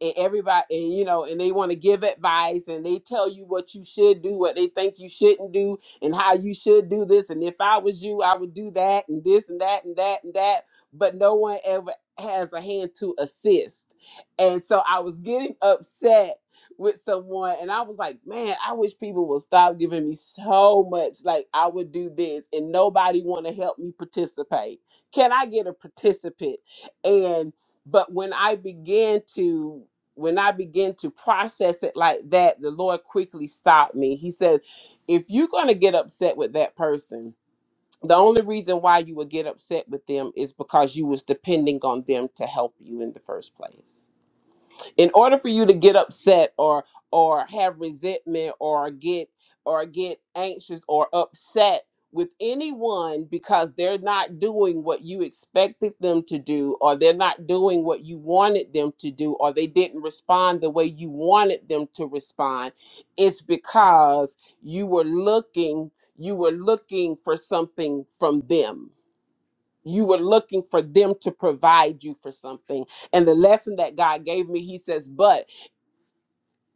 S10: and everybody and you know and they want to give advice and they tell you what you should do what they think you shouldn't do and how you should do this and if i was you i would do that and this and that and that and that but no one ever has a hand to assist and so i was getting upset with someone and I was like, man, I wish people would stop giving me so much like I would do this and nobody want to help me participate. Can I get a participant? And but when I began to when I began to process it like that, the Lord quickly stopped me. He said, if you're going to get upset with that person, the only reason why you would get upset with them is because you was depending on them to help you in the first place in order for you to get upset or or have resentment or get or get anxious or upset with anyone because they're not doing what you expected them to do or they're not doing what you wanted them to do or they didn't respond the way you wanted them to respond it's because you were looking you were looking for something from them you were looking for them to provide you for something and the lesson that God gave me, he says, but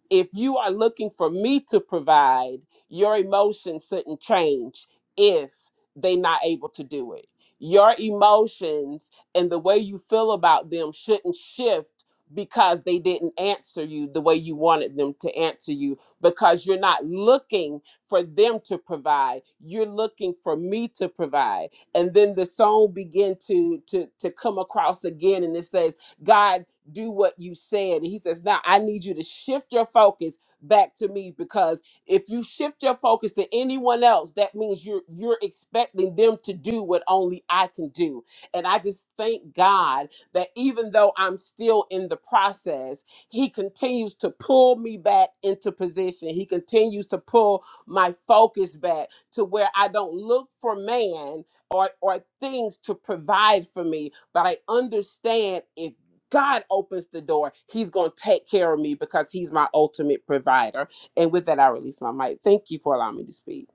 S10: if you are looking for me to provide, your emotions shouldn't change if they're not able to do it. Your emotions and the way you feel about them shouldn't shift because they didn't answer you the way you wanted them to answer you because you're not looking for them to provide you're looking for me to provide and then the song began to to to come across again and it says god do what you said. And he says, Now I need you to shift your focus back to me because if you shift your focus to anyone else, that means you're you're expecting them to do what only I can do. And I just thank God that even though I'm still in the process, he continues to pull me back into position. He continues to pull my focus back to where I don't look for man or or things to provide for me, but I understand if God opens the door, He's going to take care of me because He's my ultimate provider. And with that, I release my mic. Thank you for allowing me to speak.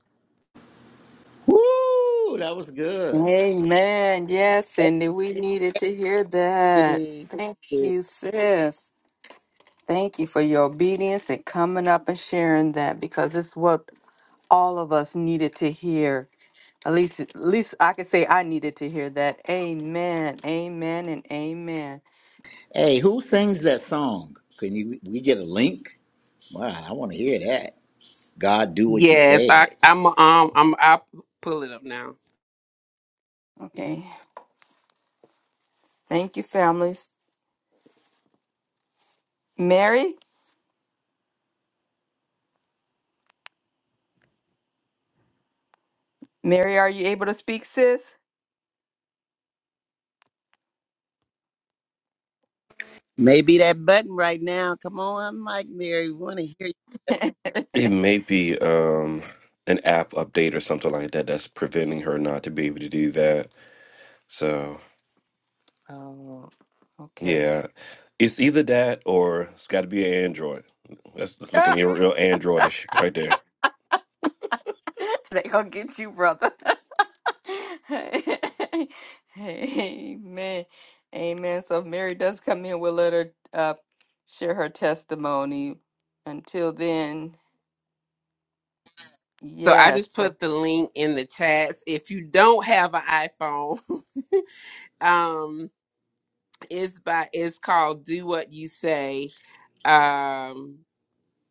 S3: Woo! That was good.
S1: Amen. Yes, Cindy, we needed to hear that.
S4: *laughs*
S1: Thank
S4: Hey,
S1: you, sis. Thank you for your obedience and coming up and sharing that because it's what all of us needed to hear At least, at least I could say I needed to hear that. Amen, amen, and amen.
S3: Hey, who sings that song? Can you we get a link? Wow, I want to hear that. God do what you
S10: Yes,
S3: said.
S10: I, I'm. Um, I'm. I pull it up now.
S1: Okay, thank you, families. Mary, Mary, are you able to speak, sis?
S4: Maybe that button right now. Come on, Mike, Mary. We want to hear
S1: *laughs*
S8: It may be um an app update or something like that that's preventing her not to be able to do that. So
S1: oh, okay.
S8: yeah, it's either that or it's got to be an Android. That's, that's looking
S1: Ah,
S8: real Androidish right there.
S1: *laughs* they gonna get you, brother. *laughs* amen, amen. So if Mary does come in, we'll let her uh, share her testimony. Until then,
S10: So I
S1: yes,
S10: just
S1: sir.
S10: put the link in the chats. If you don't have an iPhone, *laughs* um, It's by it's called Do What You Say um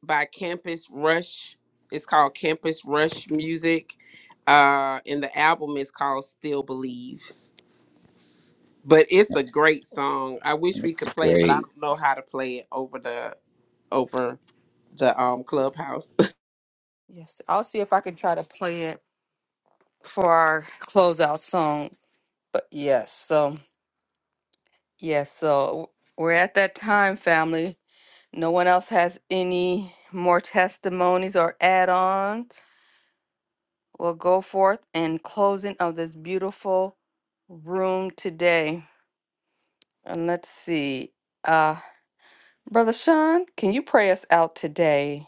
S10: by Campus Rush. It's called Campus Rush Music. Uh and the album is called Still Believe. But it's a great song. I wish we could play it, but I
S3: Great.
S10: don't know how to play it over the over the um clubhouse.
S1: yes. I'll see if I can try to play it. for our closeout song. But yes, so yes, so we're at that time, family. No one else has any more testimonies or add-ons. We'll go forth and closing of this beautiful room today. And let's see. Uh Brother Sean, can you pray us out today?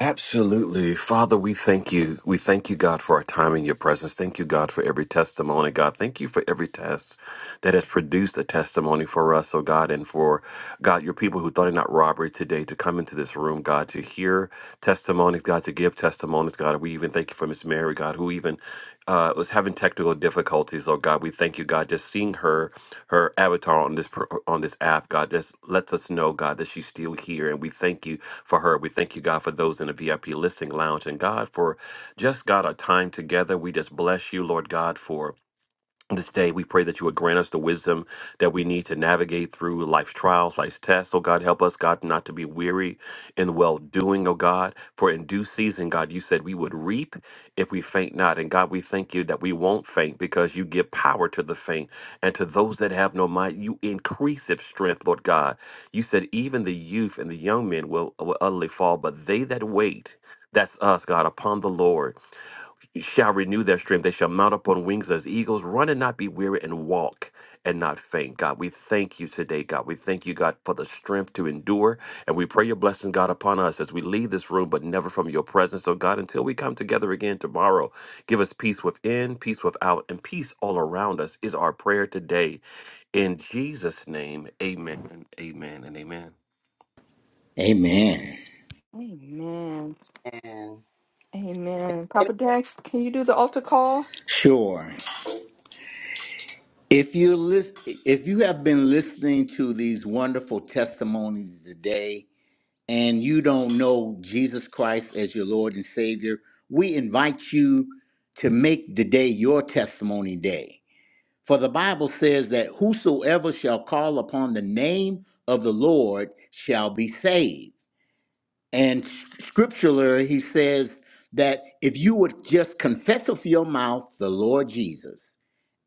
S8: Absolutely. Father, we thank you. We thank you, God, for our time in your presence. Thank you, God, for every testimony. God, thank you for every test that has produced a testimony for us, oh God, and for God, your people who thought it not robbery today to come into this room, God, to hear testimonies, God, to give testimonies, God. We even thank you for Miss Mary, God, who even uh, was having technical difficulties, oh God. We thank you, God, just seeing her her avatar on this pro- on this app, God, just lets us know, God, that she's still here, and we thank you for her. We thank you, God, for those in the VIP listing lounge, and God for just God our time together. We just bless you, Lord God, for this day. We pray that you would grant us the wisdom that we need to navigate through life's trials, life's tests. Oh God, help us, God, not to be weary in well doing, oh God. For in due season, God, you said we would reap if we faint not. And God, we thank you that we won't faint because you give power to the faint. And to those that have no might, you increase of strength, Lord God. You said even the youth and the young men will, will utterly fall, but they that wait, that's us, God, upon the Lord. You shall renew their strength. They shall mount up on wings as eagles, run and not be weary, and walk and not faint. God, we thank you today, God. We thank you, God, for the strength to endure. And we pray your blessing, God, upon us as we leave this room, but never from your presence. So, God, until we come together again tomorrow, give us peace within, peace without, and peace all around us is our prayer today. In Jesus' name, amen, amen, and amen.
S3: Amen.
S1: Amen.
S4: you, man.
S1: Amen. Papa Dan, can you do the altar call?
S3: Sure. If you listen, if you have been listening to these wonderful testimonies today, and you don't know Jesus Christ as your Lord and Savior, we invite you to make the day your testimony day. For the Bible says that whosoever shall call upon the name of the Lord shall be saved. And scripturally, he says that if you would just confess with your mouth the Lord Jesus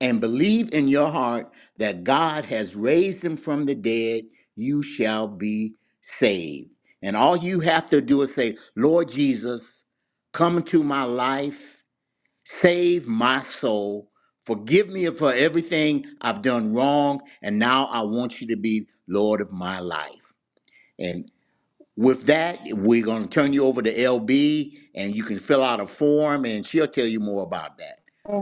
S3: and believe in your heart that God has raised him from the dead, you shall be saved. And all you have to do is say, Lord Jesus, come into my life, save my soul, forgive me for everything I've done wrong, and now I want you to be Lord of my life. With that, we're going to turn you over to LB and you can fill out a form and she'll tell you more about that.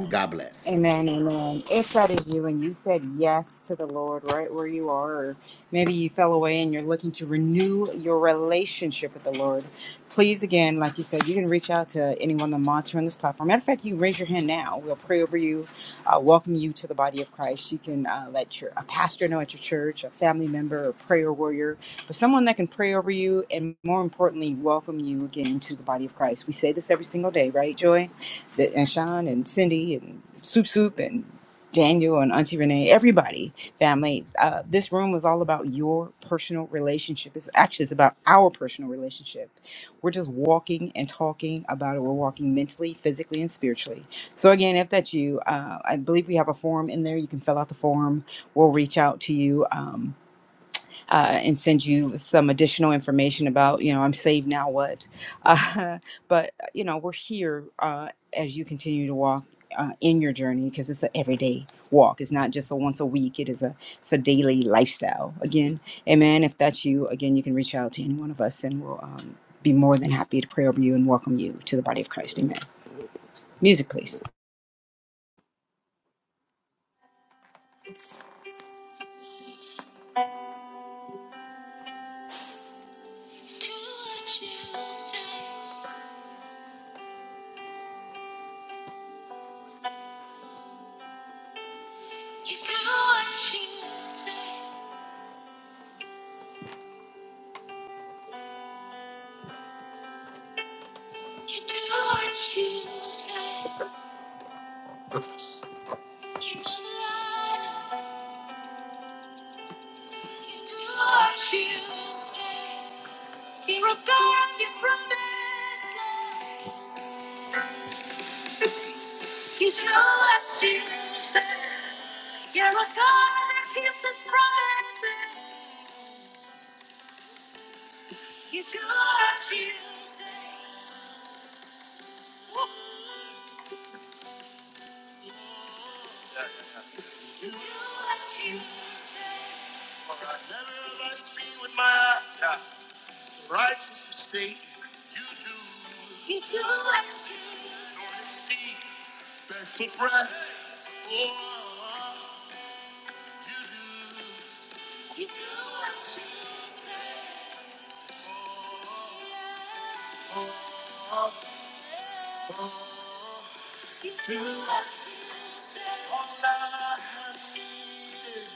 S3: God bless.
S5: Amen, amen. If that is you and you said yes to the Lord right where you are, or maybe you fell away and you're looking to renew your relationship with the Lord, please again, like you said, you can reach out to anyone that monitor on this platform. Matter of fact, you can raise your hand now. We'll pray over you, uh, welcome you to the body of Christ. You can uh, let your a pastor know at your church, a family member, a prayer warrior, but someone that can pray over you and more importantly, welcome you again to the body of Christ. We say this every single day, right, Joy? that, and Sean and Cindy and Soup Soup and Daniel and Auntie Renee, everybody, family. Uh, this room was all about your personal relationship. It's actually it's about our personal relationship. We're just walking and talking about it. We're walking mentally, physically, and spiritually. So again, if that's you, uh, I believe we have a form in there. You can fill out the form. We'll reach out to you. Um, uh, and send you some additional information about, you know, I'm saved now, what? Uh, *laughs* but, you know, we're here uh, as you continue to walk. Uh, in your journey because it's an everyday walk it's not just a once a week it is a it's a daily lifestyle again amen if that's you again you can reach out to any one of us and we'll um, be more than happy to pray over you and welcome you to the body of christ amen music please
S1: You do what you say. You do what you say. You never lie. You do what you say. You're a God of your promises. You do what you say. You're a God that keeps his promises. You do what you say. You do what you say. Never have I seen with my eyes just to If you like it, only see back for breath. Oh, you do. If you like to say. Oh, oh, you do. what you say. All I have needed.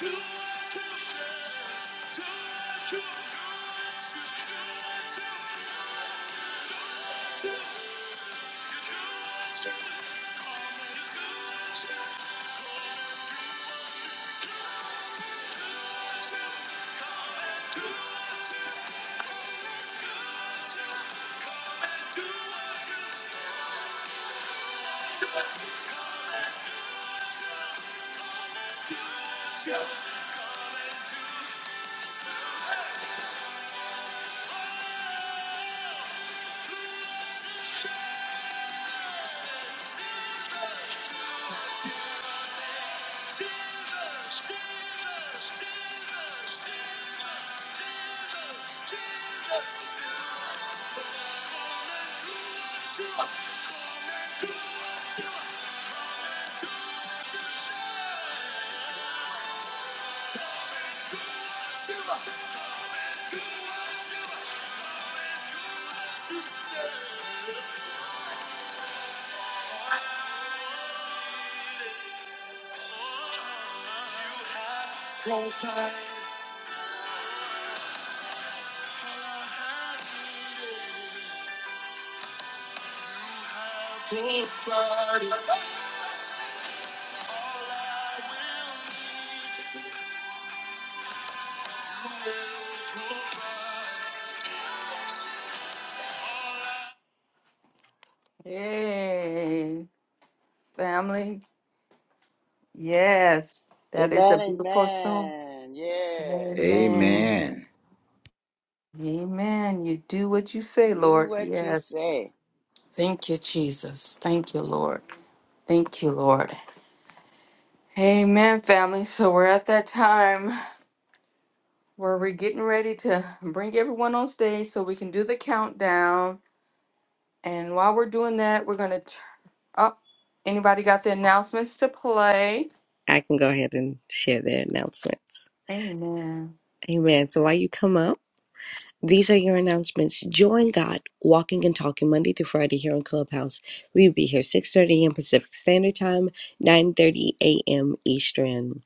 S1: Thank you. Profile, how I hide it, how I will need. Hey, family. Yes, that is a
S4: Amen,
S1: beautiful song.
S4: amen. Yes.
S1: Amen.
S3: Amen.
S1: Amen. You do what you say,
S4: Do
S1: Lord.
S4: what you
S1: Yes.
S4: say.
S1: Thank you, Jesus. Thank you, Lord. Thank you, Lord. Amen, family. So we're at that time where we're getting ready to bring everyone on stage so we can do the countdown. And while we're doing that, we're going to Oh, anybody got the announcements to play?
S9: I can go ahead and share their announcements.
S1: Amen.
S9: Amen. So while you come up, these are your announcements. Join God Walking and Talking Monday through Friday here on Clubhouse. We'll be here 6.30 a.m. Pacific Standard Time, 9.30 a.m. Eastern.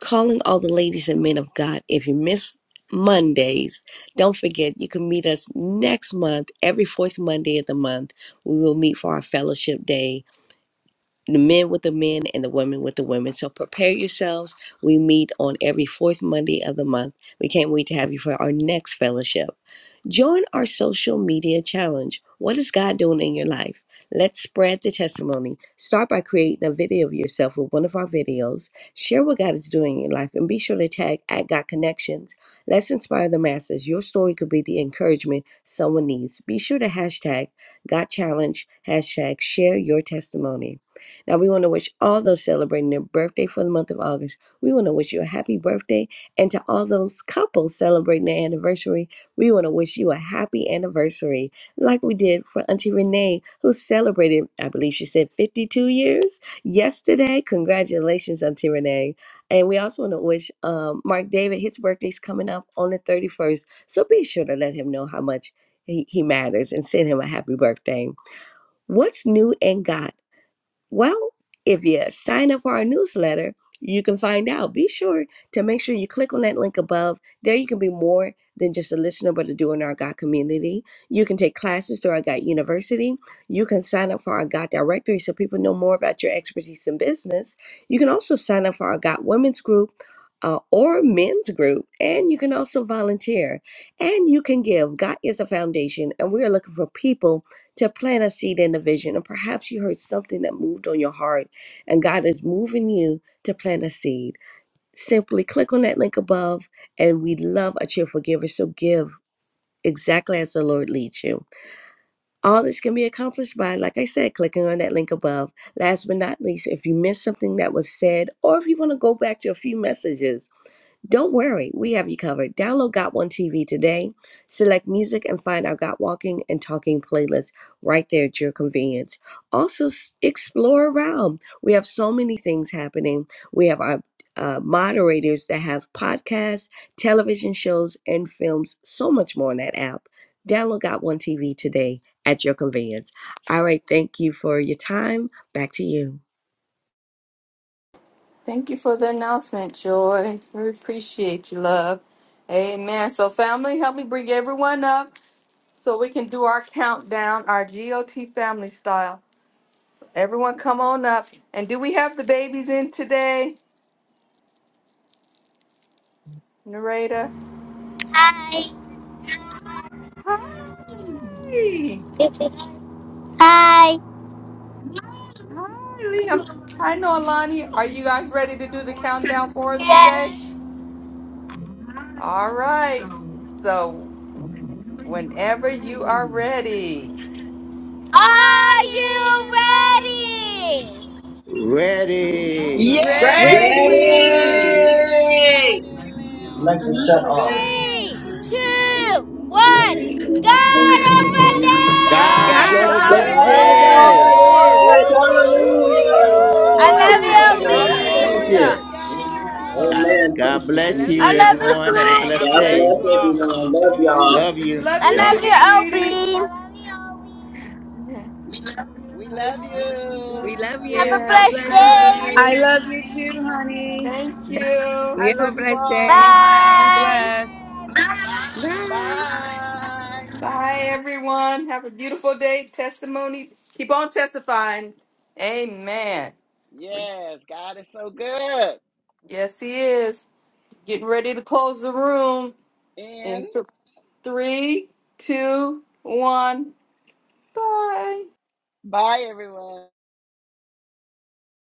S9: Calling all the ladies and men of God. If you miss Mondays, don't forget you can meet us next month, every fourth Monday of the month. We will meet for our fellowship day the men with the men and the women with the women. So prepare yourselves. We meet on every fourth Monday of the month. We can't wait to have you for our next fellowship. Join our social media challenge. What is God doing in your life? Let's spread the testimony. Start by creating a video of yourself with one of our videos. Share what God is doing in your life and be sure to tag at God Connections. Let's inspire the masses. Your story could be the encouragement someone needs. Be sure to hashtag God Challenge, hashtag share your testimony. Now, we want to wish all those celebrating their birthday for the month of August, we want to wish you a happy birthday. And to all those couples celebrating their anniversary, we want to wish you a happy anniversary, like we did for Auntie Renee, who celebrated, I believe she said 52 years yesterday. Congratulations, Auntie Renee. And we also want to wish um, Mark David, his birthday's coming up on the 31st. So be sure to let him know how much he, he matters and send him a happy birthday. What's new in God? Well, if you sign up for our newsletter, you can find out. Be sure to make sure you click on that link above. There, you can be more than just a listener, but a doer in our God community. You can take classes through our God University. You can sign up for our God Directory so people know more about your expertise in business. You can also sign up for our God Women's Group. Uh, or men's group, and you can also volunteer and you can give. God is a foundation, and we are looking for people to plant a seed in the vision. And perhaps you heard something that moved on your heart, and God is moving you to plant a seed. Simply click on that link above, and we love a cheerful giver. So give exactly as the Lord leads you. All this can be accomplished by, like I said, clicking on that link above. Last but not least, if you missed something that was said, or if you want to go back to a few messages, don't worry, we have you covered. Download Got One TV today, select music, and find our Got Walking and Talking playlist right there at your convenience. Also, s- explore around. We have so many things happening. We have our uh, moderators that have podcasts, television shows, and films, so much more on that app. Download Got One TV today at your convenience. All right, thank you for your time. Back to you.
S1: Thank you for the announcement, Joy. We appreciate you, love. Amen. So, family, help me bring everyone up so we can do our countdown, our GOT family style. Everyone, come on up. And do we have the babies in today, Narada?
S11: Hi.
S1: Hi.
S11: Hi.
S1: Hi, Liam. Hi, Noelani. Are you guys ready to do the countdown for us today?
S11: Yes.
S1: All right. So Whenever you are ready.
S11: Are you ready?
S3: Ready.
S10: *laughs*
S4: Yes,
S7: Ready!
S4: we're
S10: Ready!
S1: Ready.
S9: Ready?
S4: ready, Noelani and Lamb.
S7: Alexa, shut off.
S11: Three, two, one. God over
S4: God
S3: God's
S1: God's
S11: there.
S9: God's
S4: is
S3: over
S10: God
S1: over
S10: is
S9: over
S7: God is
S4: over
S10: over
S7: over
S3: this.
S1: this.
S9: this.
S10: this.
S11: Woo!
S7: it.
S10: Woo,
S9: *laughs*
S10: woo,
S4: this.
S7: Hallelujah.
S10: woo,
S11: I
S7: Thank you,
S11: love
S4: Hallelujah.
S3: Woo!
S11: you,
S10: woo, woo, woo.
S7: Father. Thank
S11: LB.
S7: you.
S4: Praise
S10: Hallelujah.
S3: Yes.
S7: Amen.
S4: God.
S3: God
S7: Thank you,
S9: I
S3: bless
S9: love
S7: Jesus.
S11: I
S3: you,
S11: love
S9: you.
S11: you,
S3: everyone. Have a
S1: God
S11: Snoop.
S10: God
S3: blessed
S7: God
S1: bless.
S3: day.
S10: bless
S7: bless
S10: you all.
S7: everyone. Love y'all.
S3: Love you.
S1: Love
S11: I
S1: you
S11: love
S3: Uh-huh.
S1: too, sweetie.
S11: you, LB.
S1: Yeah,
S4: We
S1: we-
S4: love you.
S9: We
S1: we-
S9: love
S11: Have a
S9: you. She
S1: Yes,
S11: blessed
S1: we
S9: loves
S1: love
S9: you.
S5: I
S1: you.
S11: day.
S5: love you too, honey.
S1: Thank you.
S5: I
S9: You have a
S5: love you
S9: blessed day.
S5: all. Be
S11: Bye.
S5: blessed.
S9: Bye.
S4: Bye.
S1: Bye, everyone. Have a beautiful day. Testimony. Keep on testifying. Amen. We-
S4: Yes, God is so good.
S1: Yes, he is. Getting ready to close the room
S4: And
S1: in th- three, two, one. Bye.
S4: Bye, everyone.